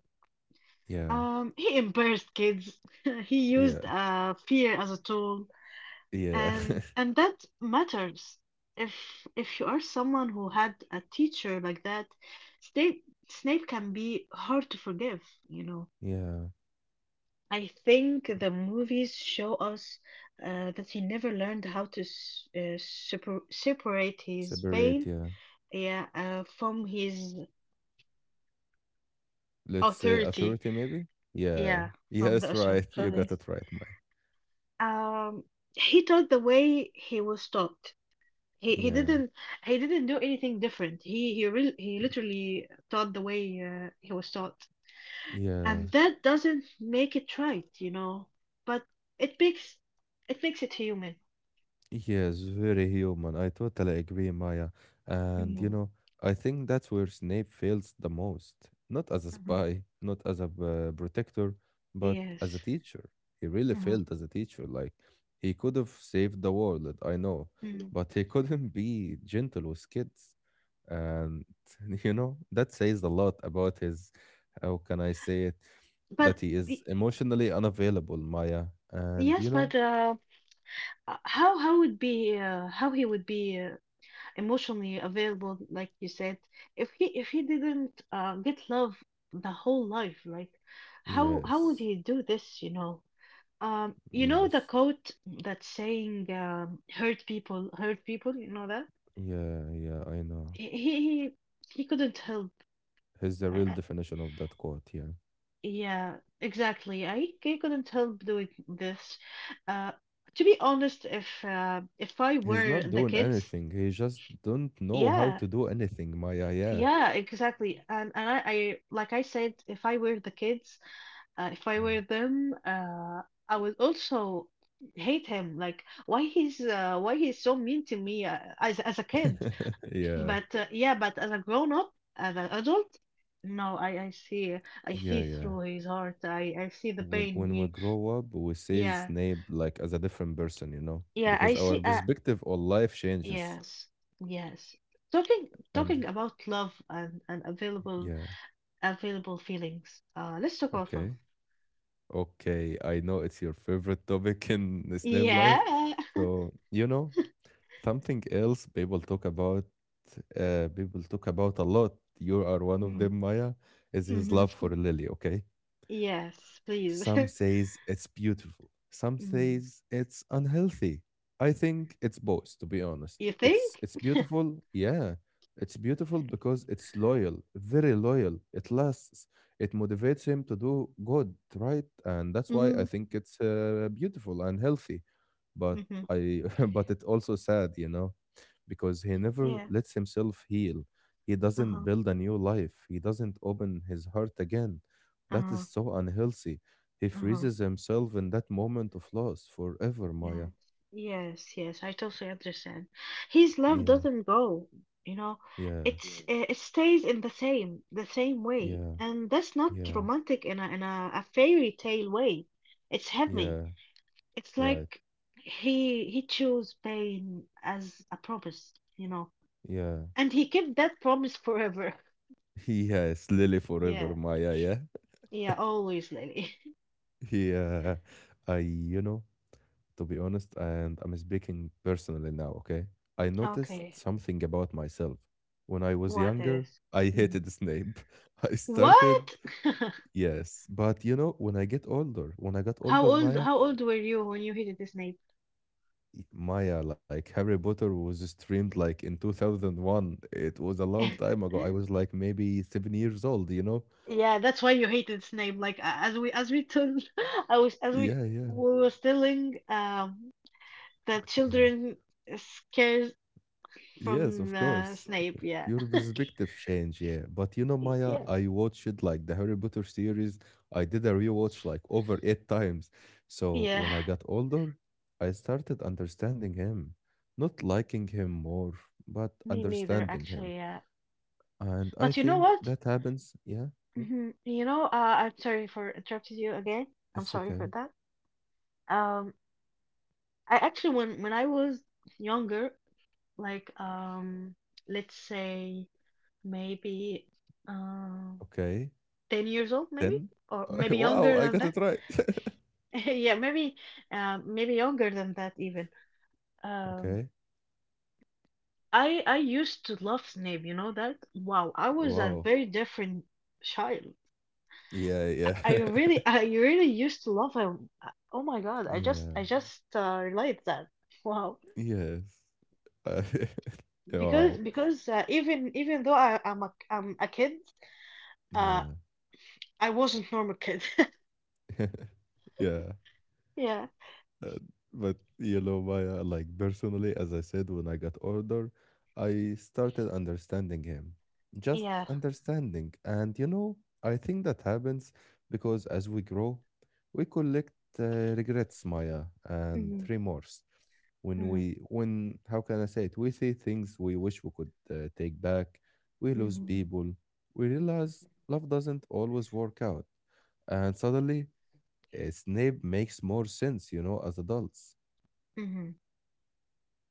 [SPEAKER 1] Yeah,
[SPEAKER 2] He embarrassed kids. <laughs> He used
[SPEAKER 1] yeah,
[SPEAKER 2] fear as a tool,
[SPEAKER 1] yeah.
[SPEAKER 2] and
[SPEAKER 1] <laughs>
[SPEAKER 2] and that matters. If you are someone who had a teacher like that, Snape can be hard to forgive, you know.
[SPEAKER 1] Yeah.
[SPEAKER 2] I think the movies show us that he never learned how to separate his
[SPEAKER 1] Separate,
[SPEAKER 2] pain,
[SPEAKER 1] yeah.
[SPEAKER 2] yeah, from his
[SPEAKER 1] Let's say
[SPEAKER 2] authority,
[SPEAKER 1] authority, maybe. Yeah.
[SPEAKER 2] yeah,
[SPEAKER 1] <laughs>
[SPEAKER 2] from the
[SPEAKER 1] Yes,
[SPEAKER 2] Ashram.
[SPEAKER 1] right, you
[SPEAKER 2] From
[SPEAKER 1] got
[SPEAKER 2] this.
[SPEAKER 1] it right, Maya.
[SPEAKER 2] Um, he taught the way he was taught. He
[SPEAKER 1] Yeah,
[SPEAKER 2] didn't do anything different. He literally taught the way he was taught, and
[SPEAKER 1] yeah.
[SPEAKER 2] that doesn't make it right, you know, but it makes it makes it human.
[SPEAKER 1] Yes, very human. I totally agree, Maya. And you
[SPEAKER 2] Hmm.
[SPEAKER 1] know, I think that's where Snape fails the most. Not as a spy, not as a protector, but as a
[SPEAKER 2] Yes.
[SPEAKER 1] teacher. He really
[SPEAKER 2] Uh-huh.
[SPEAKER 1] failed as a teacher. Like, he could have saved the world, I know,
[SPEAKER 2] Mm.
[SPEAKER 1] but he <laughs> couldn't be gentle with kids. And <laughs> you know, that says a lot about his, how can I say it,
[SPEAKER 2] But
[SPEAKER 1] that he is
[SPEAKER 2] y-
[SPEAKER 1] emotionally unavailable, Maya. And
[SPEAKER 2] yes,
[SPEAKER 1] you
[SPEAKER 2] but
[SPEAKER 1] know,
[SPEAKER 2] how would be how he would be emotionally available, like you said, if he didn't get love the whole life, like how would
[SPEAKER 1] yes,
[SPEAKER 2] he do this, you know? You know the
[SPEAKER 1] yes.
[SPEAKER 2] quote that's saying, hurt people, you know that?
[SPEAKER 1] Yeah, yeah, I know.
[SPEAKER 2] He he he he couldn't help.
[SPEAKER 1] He's the real
[SPEAKER 2] I,
[SPEAKER 1] definition of that quote, yeah.
[SPEAKER 2] Yeah, exactly. I couldn't help doing this. Uh, to be honest, if I
[SPEAKER 1] He's
[SPEAKER 2] were
[SPEAKER 1] not
[SPEAKER 2] the
[SPEAKER 1] doing
[SPEAKER 2] kids,
[SPEAKER 1] anything. He just don't know how
[SPEAKER 2] yeah,
[SPEAKER 1] to do anything, Maya, yeah.
[SPEAKER 2] yeah, exactly. And I like I said, if I were the kids, if I
[SPEAKER 1] Mm.
[SPEAKER 2] were them, I would also hate him. Like why he's so mean to me as a kid.
[SPEAKER 1] <laughs> Yeah.
[SPEAKER 2] But yeah, but as a grown up, as an adult, no, I see
[SPEAKER 1] Yeah, yeah.
[SPEAKER 2] through his heart. I see the
[SPEAKER 1] When
[SPEAKER 2] pain
[SPEAKER 1] when we
[SPEAKER 2] he.
[SPEAKER 1] grow up, we see
[SPEAKER 2] Yeah,
[SPEAKER 1] Snape like as a different person, you know,
[SPEAKER 2] yeah, I
[SPEAKER 1] because our
[SPEAKER 2] see.
[SPEAKER 1] perspective on life changes.
[SPEAKER 2] Yes, yes.
[SPEAKER 1] And
[SPEAKER 2] Talking about love and available
[SPEAKER 1] yeah,
[SPEAKER 2] feelings. Let's talk about love.
[SPEAKER 1] okay. Okay, I know it's your favorite topic in the Snape life.
[SPEAKER 2] Yeah. <laughs>
[SPEAKER 1] So, you know, something else people talk about a lot. You are one of
[SPEAKER 2] Mm.
[SPEAKER 1] them, Maya, is his
[SPEAKER 2] Mhm.
[SPEAKER 1] love for Lily, okay?
[SPEAKER 2] Yes, please.
[SPEAKER 1] Some
[SPEAKER 2] <laughs>
[SPEAKER 1] says it's beautiful. Some
[SPEAKER 2] Mm.
[SPEAKER 1] says it's unhealthy. I think it's both, to be honest.
[SPEAKER 2] You
[SPEAKER 1] It's
[SPEAKER 2] think?
[SPEAKER 1] it's beautiful, yeah. It's beautiful because it's loyal, very loyal. It lasts. It motivates him to do good, right? And that's why I
[SPEAKER 2] Mm-hmm.
[SPEAKER 1] think it's beautiful and healthy. But
[SPEAKER 2] Mm-hmm.
[SPEAKER 1] I, <laughs> but it's also sad, you know, because he never
[SPEAKER 2] Yeah.
[SPEAKER 1] lets himself heal. He doesn't
[SPEAKER 2] Uh-huh.
[SPEAKER 1] build a new life. He doesn't open his heart again. That is
[SPEAKER 2] Uh-huh.
[SPEAKER 1] so unhealthy. He
[SPEAKER 2] Uh-huh.
[SPEAKER 1] freezes himself in that moment of loss forever, Maya.
[SPEAKER 2] Yes, yes, yes. I totally understand. His love
[SPEAKER 1] Yeah,
[SPEAKER 2] doesn't go, you know.
[SPEAKER 1] yeah,
[SPEAKER 2] It's yes, it stays in the same way,
[SPEAKER 1] yeah,
[SPEAKER 2] and that's not
[SPEAKER 1] yeah,
[SPEAKER 2] romantic in a in a fairy tale way. It's heavy.
[SPEAKER 1] yeah,
[SPEAKER 2] It's
[SPEAKER 1] right.
[SPEAKER 2] like he chose pain as a promise, you know,
[SPEAKER 1] Yeah.
[SPEAKER 2] and he kept that promise forever. <laughs>
[SPEAKER 1] <laughs> Yes, Lily
[SPEAKER 2] Mm.
[SPEAKER 1] forever,
[SPEAKER 2] Yeah,
[SPEAKER 1] Maya, yeah.
[SPEAKER 2] yeah, always, Lily.
[SPEAKER 1] <laughs> Yeah. I, you know, to be honest, and I'm speaking personally now, okay? I
[SPEAKER 2] <laughs>
[SPEAKER 1] noticed
[SPEAKER 2] Okay,
[SPEAKER 1] something about myself. When I was
[SPEAKER 2] what
[SPEAKER 1] younger,
[SPEAKER 2] is?
[SPEAKER 1] I
[SPEAKER 2] Mhm.
[SPEAKER 1] hated Snape. <laughs> I started,
[SPEAKER 2] What? <laughs>
[SPEAKER 1] yes, but you know, when I get older, when I got
[SPEAKER 2] How
[SPEAKER 1] older,
[SPEAKER 2] old?
[SPEAKER 1] Maya,
[SPEAKER 2] How old were you when you hated this name?
[SPEAKER 1] Maya, like Harry Potter was streamed like in 2001. It was a long time
[SPEAKER 2] <laughs>
[SPEAKER 1] ago. I was like maybe 7 years old, you know?
[SPEAKER 2] Yeah, that's why you hated Snape. Like as we told, <laughs> I was as
[SPEAKER 1] Yeah, yeah,
[SPEAKER 2] we was telling, that
[SPEAKER 1] yeah.
[SPEAKER 2] children scares
[SPEAKER 1] Yes, of
[SPEAKER 2] from
[SPEAKER 1] course.
[SPEAKER 2] Snape. Yeah,
[SPEAKER 1] Your perspective change, yeah. But you know, Maya,
[SPEAKER 2] Yeah,
[SPEAKER 1] I watched like the Harry Potter series. I did a rewatch like over eight times. So
[SPEAKER 2] yeah.
[SPEAKER 1] when I got older, I started understanding him. Not liking him more, but
[SPEAKER 2] Me neither,
[SPEAKER 1] understanding him.
[SPEAKER 2] actually. Yeah,
[SPEAKER 1] And I
[SPEAKER 2] but you know
[SPEAKER 1] think
[SPEAKER 2] what?
[SPEAKER 1] that happens. Yeah,
[SPEAKER 2] Mhm. You know, I'm sorry for interrupting you again. I'm
[SPEAKER 1] it's
[SPEAKER 2] sorry for
[SPEAKER 1] okay.
[SPEAKER 2] that. Um, I actually when I was younger, like, let's say maybe. Um,
[SPEAKER 1] Okay.
[SPEAKER 2] 10 years old, maybe,
[SPEAKER 1] 10?
[SPEAKER 2] or
[SPEAKER 1] <laughs>
[SPEAKER 2] maybe younger
[SPEAKER 1] Wow, I
[SPEAKER 2] than
[SPEAKER 1] got
[SPEAKER 2] that.
[SPEAKER 1] it right. <laughs>
[SPEAKER 2] <laughs> Yeah, maybe maybe younger than that even, um,
[SPEAKER 1] Okay.
[SPEAKER 2] I used to love Snape, you know that? Wow, I was a
[SPEAKER 1] Wow.
[SPEAKER 2] very different child.
[SPEAKER 1] Yeah,
[SPEAKER 2] I
[SPEAKER 1] yeah.
[SPEAKER 2] really, <laughs>
[SPEAKER 1] <laughs>
[SPEAKER 2] I really used to love him. Oh my god,
[SPEAKER 1] Yeah.
[SPEAKER 2] I just relate that. <laughs> Wow.
[SPEAKER 1] Yes. <laughs> Uh, <laughs>
[SPEAKER 2] because
[SPEAKER 1] Wow.
[SPEAKER 2] because even though I'm a kid, uh,
[SPEAKER 1] Yeah.
[SPEAKER 2] I wasn't normal kid. <laughs>
[SPEAKER 1] <laughs> Yeah.
[SPEAKER 2] Yeah.
[SPEAKER 1] Uh, but you know, Maya, like personally, as I said, when I got older, I started understanding him. Just
[SPEAKER 2] Yeah.
[SPEAKER 1] understanding. And you know, I think that happens because as we grow, we collect regrets, Maya, and
[SPEAKER 2] Hmm.
[SPEAKER 1] remorse.
[SPEAKER 2] Hmm.
[SPEAKER 1] How can I say it? We say things we wish we could take back. We lose
[SPEAKER 2] Hmm.
[SPEAKER 1] people. We realize love doesn't always work out. And suddenly Snape makes more sense, you know, as adults.
[SPEAKER 2] Hmm.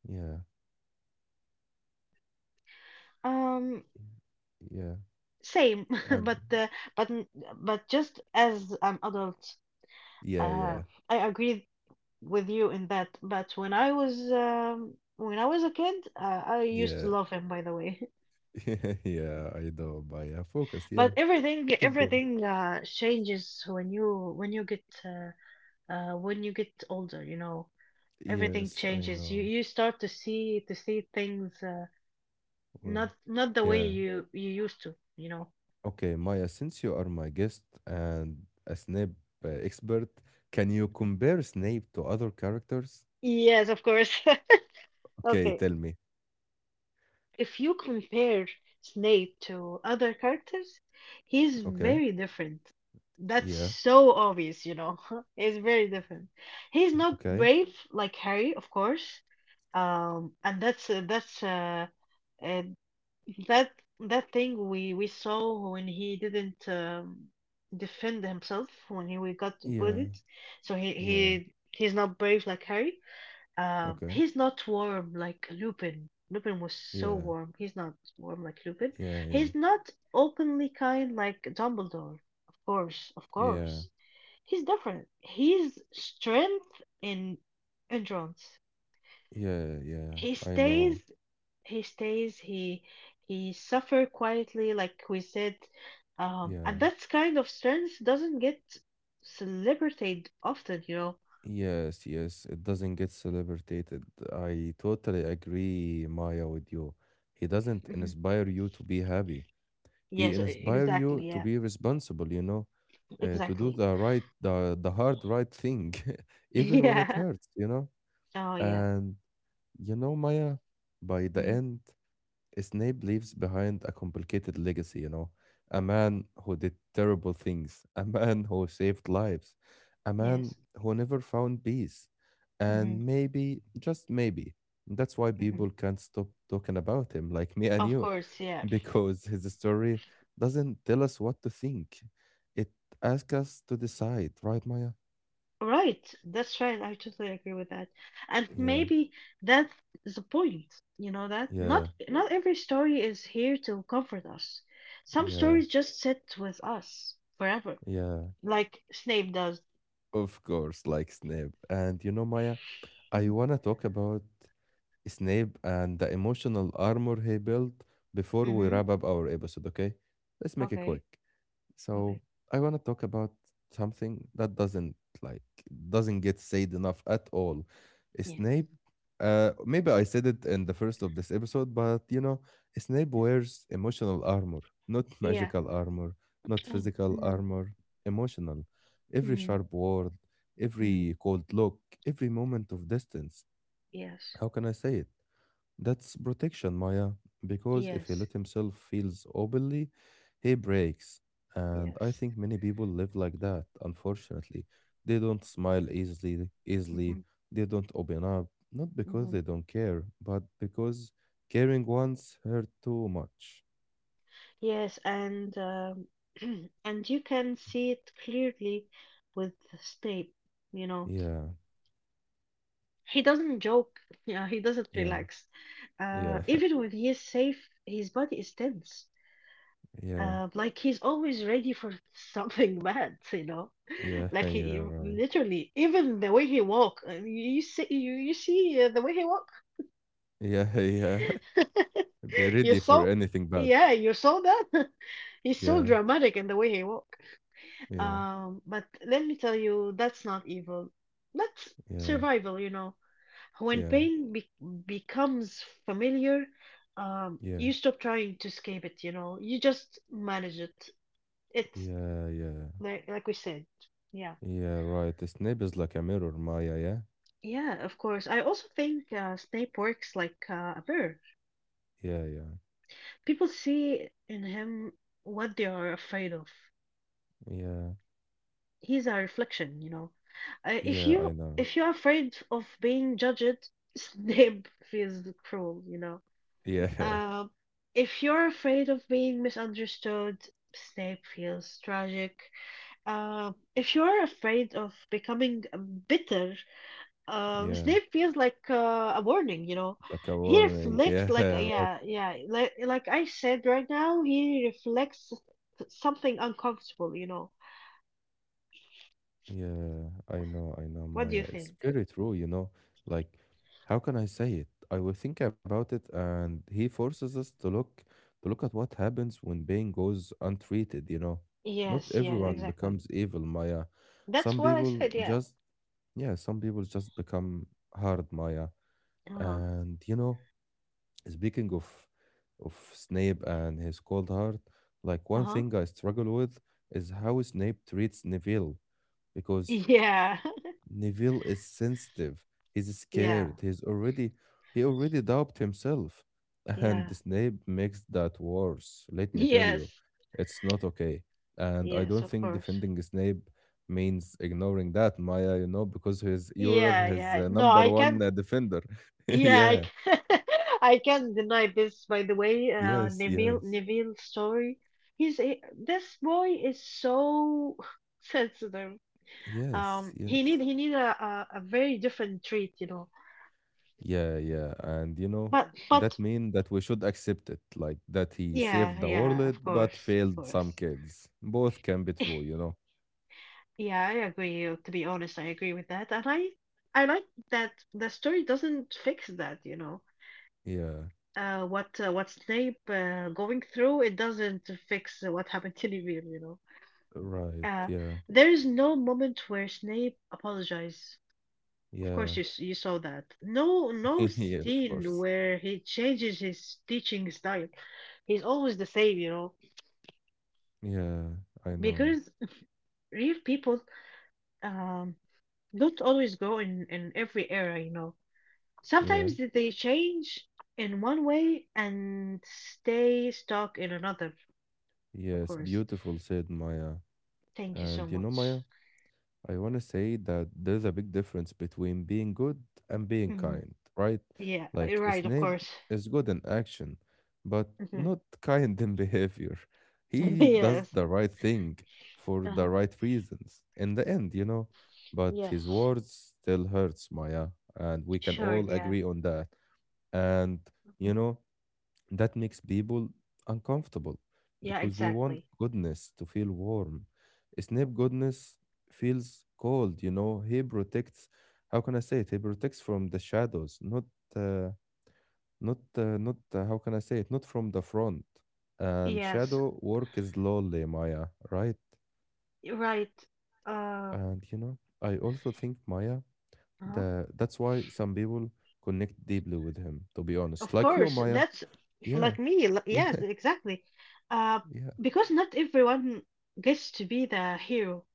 [SPEAKER 1] Yeah,
[SPEAKER 2] Um,
[SPEAKER 1] yeah,
[SPEAKER 2] same, <laughs>
[SPEAKER 1] and
[SPEAKER 2] but but n- but just as an adult,
[SPEAKER 1] yeah, yeah,
[SPEAKER 2] uh, I agree with you in that. But when I was a kid, I used to
[SPEAKER 1] yeah,
[SPEAKER 2] love him, by the way. <laughs>
[SPEAKER 1] <laughs> yeah. I know, but yeah, focus. Yeah,
[SPEAKER 2] But
[SPEAKER 1] keep going.
[SPEAKER 2] everything changes when you get when you get older. You know, everything
[SPEAKER 1] Yes, I
[SPEAKER 2] changes. You
[SPEAKER 1] know.
[SPEAKER 2] start to see things
[SPEAKER 1] Well,
[SPEAKER 2] not the way
[SPEAKER 1] yeah.
[SPEAKER 2] you used to. You know.
[SPEAKER 1] Okay, Maya, since you are my guest and a Snape expert, can you compare Snape to other characters?
[SPEAKER 2] Yes, of course. <laughs>
[SPEAKER 1] Okay,
[SPEAKER 2] Okay.
[SPEAKER 1] tell me.
[SPEAKER 2] If you compare Snape to other characters, he's
[SPEAKER 1] Okay.
[SPEAKER 2] very different. That's
[SPEAKER 1] Yeah.
[SPEAKER 2] so obvious, you know. <laughs> He's very different. He's not
[SPEAKER 1] Okay.
[SPEAKER 2] brave like Harry, of course. And that's uh, that thing we saw when he didn't, defend himself when he we got
[SPEAKER 1] Yeah.
[SPEAKER 2] bullied. So
[SPEAKER 1] Yeah.
[SPEAKER 2] he's not brave like Harry.
[SPEAKER 1] Okay.
[SPEAKER 2] He's not warm like Lupin. Lupin was so
[SPEAKER 1] Yeah.
[SPEAKER 2] warm. He's not warm like Lupin.
[SPEAKER 1] Yeah. Yeah.
[SPEAKER 2] He's not openly kind like Dumbledore. Of course, of
[SPEAKER 1] Yeah.
[SPEAKER 2] course. He's different. He's strength in endurance.
[SPEAKER 1] Yeah, yeah,
[SPEAKER 2] He
[SPEAKER 1] I know.
[SPEAKER 2] stays. He stays. He suffer quietly, like we said.
[SPEAKER 1] Yeah.
[SPEAKER 2] And that kind of strength doesn't get celebrated often, you know.
[SPEAKER 1] Yes, yes. It doesn't get celebrated. I totally agree, Maya, with you. He doesn't
[SPEAKER 2] Mhm.
[SPEAKER 1] inspire you to be happy. He
[SPEAKER 2] Yes,
[SPEAKER 1] inspire you
[SPEAKER 2] exactly.
[SPEAKER 1] to
[SPEAKER 2] Yeah,
[SPEAKER 1] be responsible, you know, to do
[SPEAKER 2] exactly.
[SPEAKER 1] the right, the hard right thing, <laughs>
[SPEAKER 2] <laughs>
[SPEAKER 1] even when it
[SPEAKER 2] Yeah.
[SPEAKER 1] hurts, you know.
[SPEAKER 2] Oh, yeah.
[SPEAKER 1] And you know, Maya, by the
[SPEAKER 2] Hmm.
[SPEAKER 1] end, Snape leaves behind a complicated legacy, you know, a man who did terrible things, a man
[SPEAKER 2] Yeah.
[SPEAKER 1] who saved lives, a
[SPEAKER 2] Yes.
[SPEAKER 1] man who never found peace.
[SPEAKER 2] Hmm.
[SPEAKER 1] And maybe, just maybe, that's why
[SPEAKER 2] Hmm.
[SPEAKER 1] people can't stop talking about him, like me and
[SPEAKER 2] Of
[SPEAKER 1] you,
[SPEAKER 2] course. Yeah.
[SPEAKER 1] <laughs> because his story doesn't tell us what to think. It asks us to decide, right, Maya?
[SPEAKER 2] Right. That's right. I totally agree with that. And
[SPEAKER 1] Yeah,
[SPEAKER 2] maybe that's the point. You know that
[SPEAKER 1] yeah,
[SPEAKER 2] not every story is here to comfort us. Some
[SPEAKER 1] yeah,
[SPEAKER 2] stories just sit with us forever,
[SPEAKER 1] yeah.
[SPEAKER 2] like Snape does.
[SPEAKER 1] Of course, like Snape. And you know, Maya, I
[SPEAKER 2] Mm-hmm.
[SPEAKER 1] want to talk about Snape and the emotional armor he built before we
[SPEAKER 2] Mm-hmm.
[SPEAKER 1] wrap up our episode, okay? Let's make it
[SPEAKER 2] Okay.
[SPEAKER 1] quick.
[SPEAKER 2] Okay.
[SPEAKER 1] So, I want to talk about something that like doesn't get said enough at all.
[SPEAKER 2] Yes.
[SPEAKER 1] Snape, maybe I said it in the first of this episode, but you know, Snape wears emotional armor, not <laughs>
[SPEAKER 2] Yeah.
[SPEAKER 1] magical armor, not
[SPEAKER 2] Mm-hmm.
[SPEAKER 1] physical
[SPEAKER 2] Mm-hmm.
[SPEAKER 1] armor, emotional. Every
[SPEAKER 2] Mm-hmm.
[SPEAKER 1] sharp word,
[SPEAKER 2] Mm-hmm.
[SPEAKER 1] every cold look, every moment of distance,
[SPEAKER 2] Yes.
[SPEAKER 1] how can I say it? That's protection, Maya, because if he
[SPEAKER 2] Yes.
[SPEAKER 1] let himself feels openly, he breaks. And I
[SPEAKER 2] Yes.
[SPEAKER 1] think many people live like that, unfortunately. They don't smile easily,
[SPEAKER 2] Mm-hmm.
[SPEAKER 1] they don't open up, not because
[SPEAKER 2] Mm-hmm.
[SPEAKER 1] they don't care, but because caring once hurt too much.
[SPEAKER 2] Yes, and <clears throat> and you can see it clearly with Snape. You know,
[SPEAKER 1] Yeah,
[SPEAKER 2] he doesn't joke. <laughs> Yeah, he doesn't
[SPEAKER 1] yeah,
[SPEAKER 2] relax.
[SPEAKER 1] yeah,
[SPEAKER 2] Even when he is safe, his body is tense.
[SPEAKER 1] <laughs> yeah,
[SPEAKER 2] Like he's always ready for <laughs> something bad. You know,
[SPEAKER 1] yeah,
[SPEAKER 2] <laughs>
[SPEAKER 1] <laughs>
[SPEAKER 2] like he
[SPEAKER 1] yeah, right.
[SPEAKER 2] literally, even the way he walk. Uh, you you you see the way he walk.
[SPEAKER 1] Yeah, <laughs> yeah. Be
[SPEAKER 2] <laughs>
[SPEAKER 1] ready
[SPEAKER 2] You
[SPEAKER 1] for
[SPEAKER 2] saw,
[SPEAKER 1] anything bad.
[SPEAKER 2] yeah, you saw that. <laughs> He's so
[SPEAKER 1] Yeah,
[SPEAKER 2] dramatic in the way he walk.
[SPEAKER 1] yeah,
[SPEAKER 2] But let me tell you, that's not evil. That's
[SPEAKER 1] yeah,
[SPEAKER 2] survival, you know. When
[SPEAKER 1] yeah.
[SPEAKER 2] pain be becomes familiar,
[SPEAKER 1] Yeah,
[SPEAKER 2] you stop trying to escape it, you know. You just manage it. It's
[SPEAKER 1] yeah, yeah,
[SPEAKER 2] like we said. Yeah.
[SPEAKER 1] yeah, right. The Snape is like a mirror, Maya, yeah?
[SPEAKER 2] Yeah, of course. I also think Snape works like a mirror.
[SPEAKER 1] Yeah, yeah,
[SPEAKER 2] People see in him what they are afraid of.
[SPEAKER 1] yeah,
[SPEAKER 2] He's a reflection, you know. If
[SPEAKER 1] yeah, I
[SPEAKER 2] you
[SPEAKER 1] know.
[SPEAKER 2] if you're afraid of being judged, <laughs> Snape feels cruel, you know.
[SPEAKER 1] Yeah,
[SPEAKER 2] Um, if you're afraid of being misunderstood, Snape feels tragic. If you're afraid of becoming bitter,
[SPEAKER 1] <laughs> yeah,
[SPEAKER 2] Snape feels like a warning, you know.
[SPEAKER 1] like a
[SPEAKER 2] He Mm.
[SPEAKER 1] warning.
[SPEAKER 2] reflects like
[SPEAKER 1] Yeah, <laughs> right.
[SPEAKER 2] yeah, yeah, like I said right now, he reflects something uncomfortable, you know.
[SPEAKER 1] Yeah, I know,
[SPEAKER 2] What do you
[SPEAKER 1] Maya. It's
[SPEAKER 2] think?
[SPEAKER 1] very true, you know. Like, how can I say it? I will think about it, and he forces us to look at what happens when pain goes untreated, you know. Not
[SPEAKER 2] Yes, yeah,
[SPEAKER 1] everyone
[SPEAKER 2] exactly.
[SPEAKER 1] becomes evil, Maya.
[SPEAKER 2] That's
[SPEAKER 1] Some
[SPEAKER 2] what I
[SPEAKER 1] people
[SPEAKER 2] said, yeah.
[SPEAKER 1] just, yeah, some people just become hard, Maya.
[SPEAKER 2] Uh-huh.
[SPEAKER 1] And you know, speaking of Snape and his cold heart, like one
[SPEAKER 2] Uh-huh.
[SPEAKER 1] thing I struggle with is how Snape treats Neville because
[SPEAKER 2] Yeah. <laughs>
[SPEAKER 1] Neville is sensitive. He's
[SPEAKER 2] Yeah.
[SPEAKER 1] scared. He already doubts himself, <laughs> and
[SPEAKER 2] Yeah.
[SPEAKER 1] Snape makes that worse. Let me tell you,
[SPEAKER 2] Yes.
[SPEAKER 1] it's not okay. And I
[SPEAKER 2] Yes,
[SPEAKER 1] don't
[SPEAKER 2] of
[SPEAKER 1] think
[SPEAKER 2] course.
[SPEAKER 1] defending Snape means ignoring that, Maya. You know, because he's you're
[SPEAKER 2] Yeah,
[SPEAKER 1] his
[SPEAKER 2] yeah. No,
[SPEAKER 1] number
[SPEAKER 2] I
[SPEAKER 1] one
[SPEAKER 2] can't. <laughs>
[SPEAKER 1] defender. <laughs>
[SPEAKER 2] Yeah, I
[SPEAKER 1] Yeah.
[SPEAKER 2] can't, <laughs> I can't deny this. By the way,
[SPEAKER 1] Yes, yes,
[SPEAKER 2] Neville's story. He's a, this boy is so <laughs> sensitive.
[SPEAKER 1] yes, yes.
[SPEAKER 2] He need a, a very different treat, you know.
[SPEAKER 1] Yeah, yeah. And you know,
[SPEAKER 2] But
[SPEAKER 1] that
[SPEAKER 2] but
[SPEAKER 1] mean that we should accept it, like that he saved
[SPEAKER 2] yeah,
[SPEAKER 1] the
[SPEAKER 2] yeah,
[SPEAKER 1] world
[SPEAKER 2] of
[SPEAKER 1] but
[SPEAKER 2] course, of
[SPEAKER 1] failed some
[SPEAKER 2] course.
[SPEAKER 1] kids. Both can be true,
[SPEAKER 2] <laughs>
[SPEAKER 1] you know.
[SPEAKER 2] Yeah, I agree. Uh, to be honest, I agree with that, and I like that the story doesn't fix that. You know,
[SPEAKER 1] Yeah,
[SPEAKER 2] what Snape going through, it doesn't fix what happened to Neville. You know,
[SPEAKER 1] right.
[SPEAKER 2] uh,
[SPEAKER 1] Yeah,
[SPEAKER 2] there is no moment where Snape apologizes. Of course,
[SPEAKER 1] yeah.
[SPEAKER 2] you you saw that. No, no
[SPEAKER 1] <laughs> Yeah, of
[SPEAKER 2] scene
[SPEAKER 1] course.
[SPEAKER 2] where he changes his teaching style. He's always the same. You know,
[SPEAKER 1] Yeah, I know.
[SPEAKER 2] because real people um don't always grow in every era. You know,
[SPEAKER 1] Yeah,
[SPEAKER 2] sometimes they change in one way and stay stuck in another, of
[SPEAKER 1] yes.
[SPEAKER 2] course.
[SPEAKER 1] Beautiful, said Maya.
[SPEAKER 2] Thank you so
[SPEAKER 1] And you know,
[SPEAKER 2] much.
[SPEAKER 1] Maya? I want to say that there's a big difference between being good and being
[SPEAKER 2] Hmm.
[SPEAKER 1] kind, right?
[SPEAKER 2] Yeah, you're
[SPEAKER 1] Like
[SPEAKER 2] right, of
[SPEAKER 1] Snape
[SPEAKER 2] course.
[SPEAKER 1] is good in action, but
[SPEAKER 2] Hmm.
[SPEAKER 1] not <laughs> kind in behavior.
[SPEAKER 2] <laughs>
[SPEAKER 1] He does
[SPEAKER 2] Yes.
[SPEAKER 1] the right thing for the
[SPEAKER 2] Uh-huh.
[SPEAKER 1] right reasons in the end, you know. But his
[SPEAKER 2] Yes.
[SPEAKER 1] words still hurts, Maya, and we can
[SPEAKER 2] Sure,
[SPEAKER 1] all
[SPEAKER 2] yeah.
[SPEAKER 1] agree on that. And you
[SPEAKER 2] Mhm.
[SPEAKER 1] know, that makes people uncomfortable
[SPEAKER 2] Yeah,
[SPEAKER 1] because we want
[SPEAKER 2] exactly.
[SPEAKER 1] goodness to feel warm. Snape goodness feels cold, you know. He protects, how can I say it? He protects from the shadows, uh, not, how can I say it? Not from the front. And
[SPEAKER 2] Yes,
[SPEAKER 1] shadow work is lonely, Maya, right?
[SPEAKER 2] you're right. Uh,
[SPEAKER 1] And you know, I also think, Maya,
[SPEAKER 2] uh
[SPEAKER 1] that that's why some people connect deeply with him, to be honest.
[SPEAKER 2] Of
[SPEAKER 1] Like you,
[SPEAKER 2] course,
[SPEAKER 1] Maya.
[SPEAKER 2] that's
[SPEAKER 1] Yeah,
[SPEAKER 2] like me.
[SPEAKER 1] <laughs> yeah,
[SPEAKER 2] Yes, exactly. Uh,
[SPEAKER 1] yeah,
[SPEAKER 2] because not everyone gets to be the hero,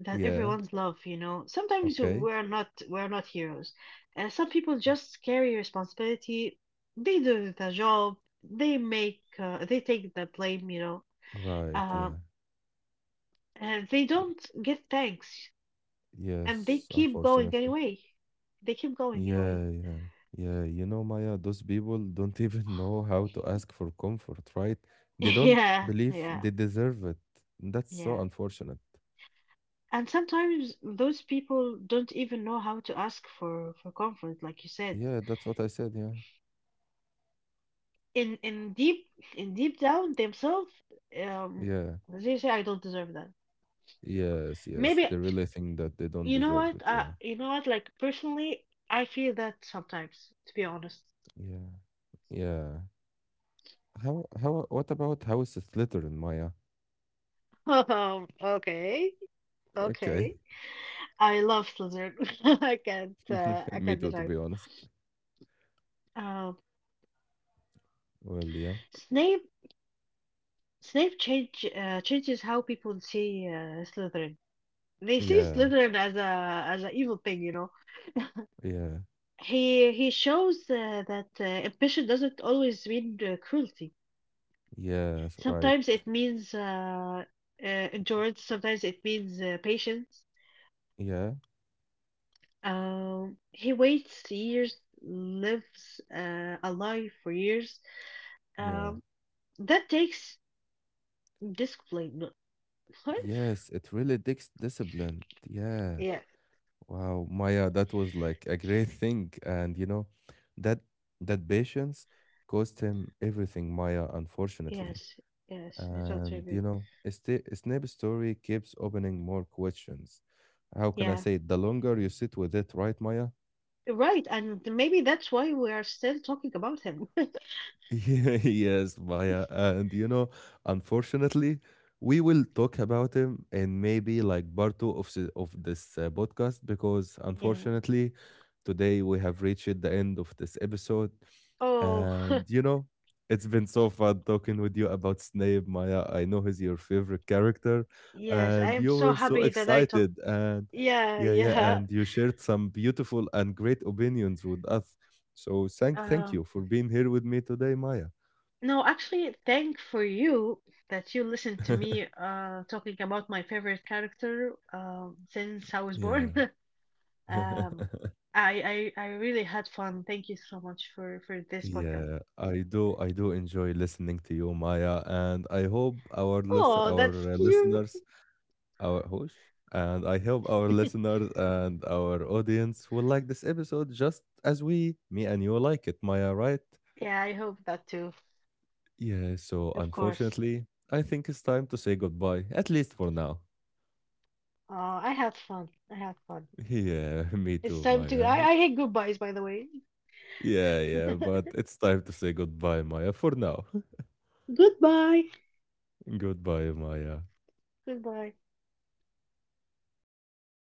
[SPEAKER 2] that
[SPEAKER 1] yeah.
[SPEAKER 2] everyone's love, you know. Sometimes
[SPEAKER 1] Okay.
[SPEAKER 2] we're not, heroes. Uh, some people just carry responsibility, they do the job, they make they take the blame, you know,
[SPEAKER 1] Right,
[SPEAKER 2] uh,
[SPEAKER 1] yeah.
[SPEAKER 2] and they don't get thanks, and they
[SPEAKER 1] Yes,
[SPEAKER 2] keep going
[SPEAKER 1] unfortunately.
[SPEAKER 2] anyway, they keep going anyway.
[SPEAKER 1] Yeah, yeah. Yeah, you know, Maya, those people don't <laughs> even know how to ask for comfort, right?
[SPEAKER 2] <laughs>
[SPEAKER 1] They don't
[SPEAKER 2] Yeah,
[SPEAKER 1] believe
[SPEAKER 2] yeah,
[SPEAKER 1] they deserve it. That's so
[SPEAKER 2] yeah.
[SPEAKER 1] unfortunate.
[SPEAKER 2] And sometimes those people don't even know how to ask for comfort, like you said,
[SPEAKER 1] Yeah, that's what I said, yeah.
[SPEAKER 2] in in deep in deep down themselves, um,
[SPEAKER 1] Yeah.
[SPEAKER 2] they say I don't deserve that.
[SPEAKER 1] Yes, yes. They
[SPEAKER 2] Maybe.
[SPEAKER 1] really think that they don't
[SPEAKER 2] You know
[SPEAKER 1] deserve
[SPEAKER 2] what,
[SPEAKER 1] it, yeah.
[SPEAKER 2] you know what, like personally, I feel that sometimes, to be honest.
[SPEAKER 1] Yeah. Yeah. How what about House Slytherin, Maya?
[SPEAKER 2] <laughs> Um, okay.
[SPEAKER 1] Okay.
[SPEAKER 2] Okay, I love Slytherin. <laughs> I can't,
[SPEAKER 1] <laughs>
[SPEAKER 2] I
[SPEAKER 1] Me
[SPEAKER 2] can't
[SPEAKER 1] too, to
[SPEAKER 2] deny.
[SPEAKER 1] be honest.
[SPEAKER 2] Um,
[SPEAKER 1] Well, yeah.
[SPEAKER 2] snape snape changes how people see Slytherin. They see
[SPEAKER 1] Yeah.
[SPEAKER 2] Slytherin as a as an evil thing, you know.
[SPEAKER 1] Yeah.
[SPEAKER 2] He shows that ambition doesn't always mean cruelty.
[SPEAKER 1] Yes, right.
[SPEAKER 2] Sometimes it means endurance. Sometimes it means patience.
[SPEAKER 1] Yeah,
[SPEAKER 2] He waits years, lives a life for years.
[SPEAKER 1] yeah.
[SPEAKER 2] Um, that takes discipline. <laughs> No. What?
[SPEAKER 1] Yes, it really takes discipline. Yeah.
[SPEAKER 2] Yeah.
[SPEAKER 1] Wow, Maya, that was like a great thing. And you know, that that patience cost him everything, Maya, unfortunately.
[SPEAKER 2] Yes, yes, I totally
[SPEAKER 1] And
[SPEAKER 2] agree.
[SPEAKER 1] you know, Snape's story keeps opening more questions. How can I
[SPEAKER 2] Yeah,
[SPEAKER 1] say it? The longer you sit with it, right, Maya?
[SPEAKER 2] right, and maybe that's why we are still talking about him. <laughs>
[SPEAKER 1] <laughs> Yes, Maya. And you know, unfortunately, we will talk about him in maybe like part two of this podcast because
[SPEAKER 2] Yeah.
[SPEAKER 1] unfortunately, today we have reached the end of this episode.
[SPEAKER 2] Oh,
[SPEAKER 1] And
[SPEAKER 2] <laughs>
[SPEAKER 1] you know, it's been so fun talking with you about Snape, Maya. I know he's your favorite character,
[SPEAKER 2] yes, I
[SPEAKER 1] and
[SPEAKER 2] am
[SPEAKER 1] you
[SPEAKER 2] so
[SPEAKER 1] were so
[SPEAKER 2] happy that I talked.
[SPEAKER 1] excited. And
[SPEAKER 2] Yeah,
[SPEAKER 1] yeah, yeah,
[SPEAKER 2] yeah.
[SPEAKER 1] and you shared some beautiful and great opinions with us. So thank
[SPEAKER 2] Um,
[SPEAKER 1] you for being here with me today, Maya.
[SPEAKER 2] no, actually, thank for you that you listened to me
[SPEAKER 1] <laughs>
[SPEAKER 2] talking about my favorite character since I was born.
[SPEAKER 1] Yeah.
[SPEAKER 2] <laughs> Um,
[SPEAKER 1] <laughs>
[SPEAKER 2] I really had fun. Thank you so much for this podcast.
[SPEAKER 1] Yeah, I do enjoy listening to you, Maya, and I hope our listen
[SPEAKER 2] Oh,
[SPEAKER 1] our
[SPEAKER 2] that's
[SPEAKER 1] uh,
[SPEAKER 2] cute.
[SPEAKER 1] listeners our whoosh, and I hope our listeners and our audience will like this episode just as we, me and you like it, Maya, right?
[SPEAKER 2] Yeah, I hope that too.
[SPEAKER 1] Yeah, so
[SPEAKER 2] Of course.
[SPEAKER 1] unfortunately, I think it's time to say goodbye, at least for now.
[SPEAKER 2] I had fun. I had fun.
[SPEAKER 1] <laughs> Yeah, me
[SPEAKER 2] It's
[SPEAKER 1] too,
[SPEAKER 2] time to.
[SPEAKER 1] Maya.
[SPEAKER 2] I hate goodbyes, by the way.
[SPEAKER 1] Yeah, yeah, but
[SPEAKER 2] <laughs>
[SPEAKER 1] it's time to say goodbye, Maya, for now.
[SPEAKER 2] Goodbye.
[SPEAKER 1] <laughs> Goodbye, Maya.
[SPEAKER 2] Goodbye.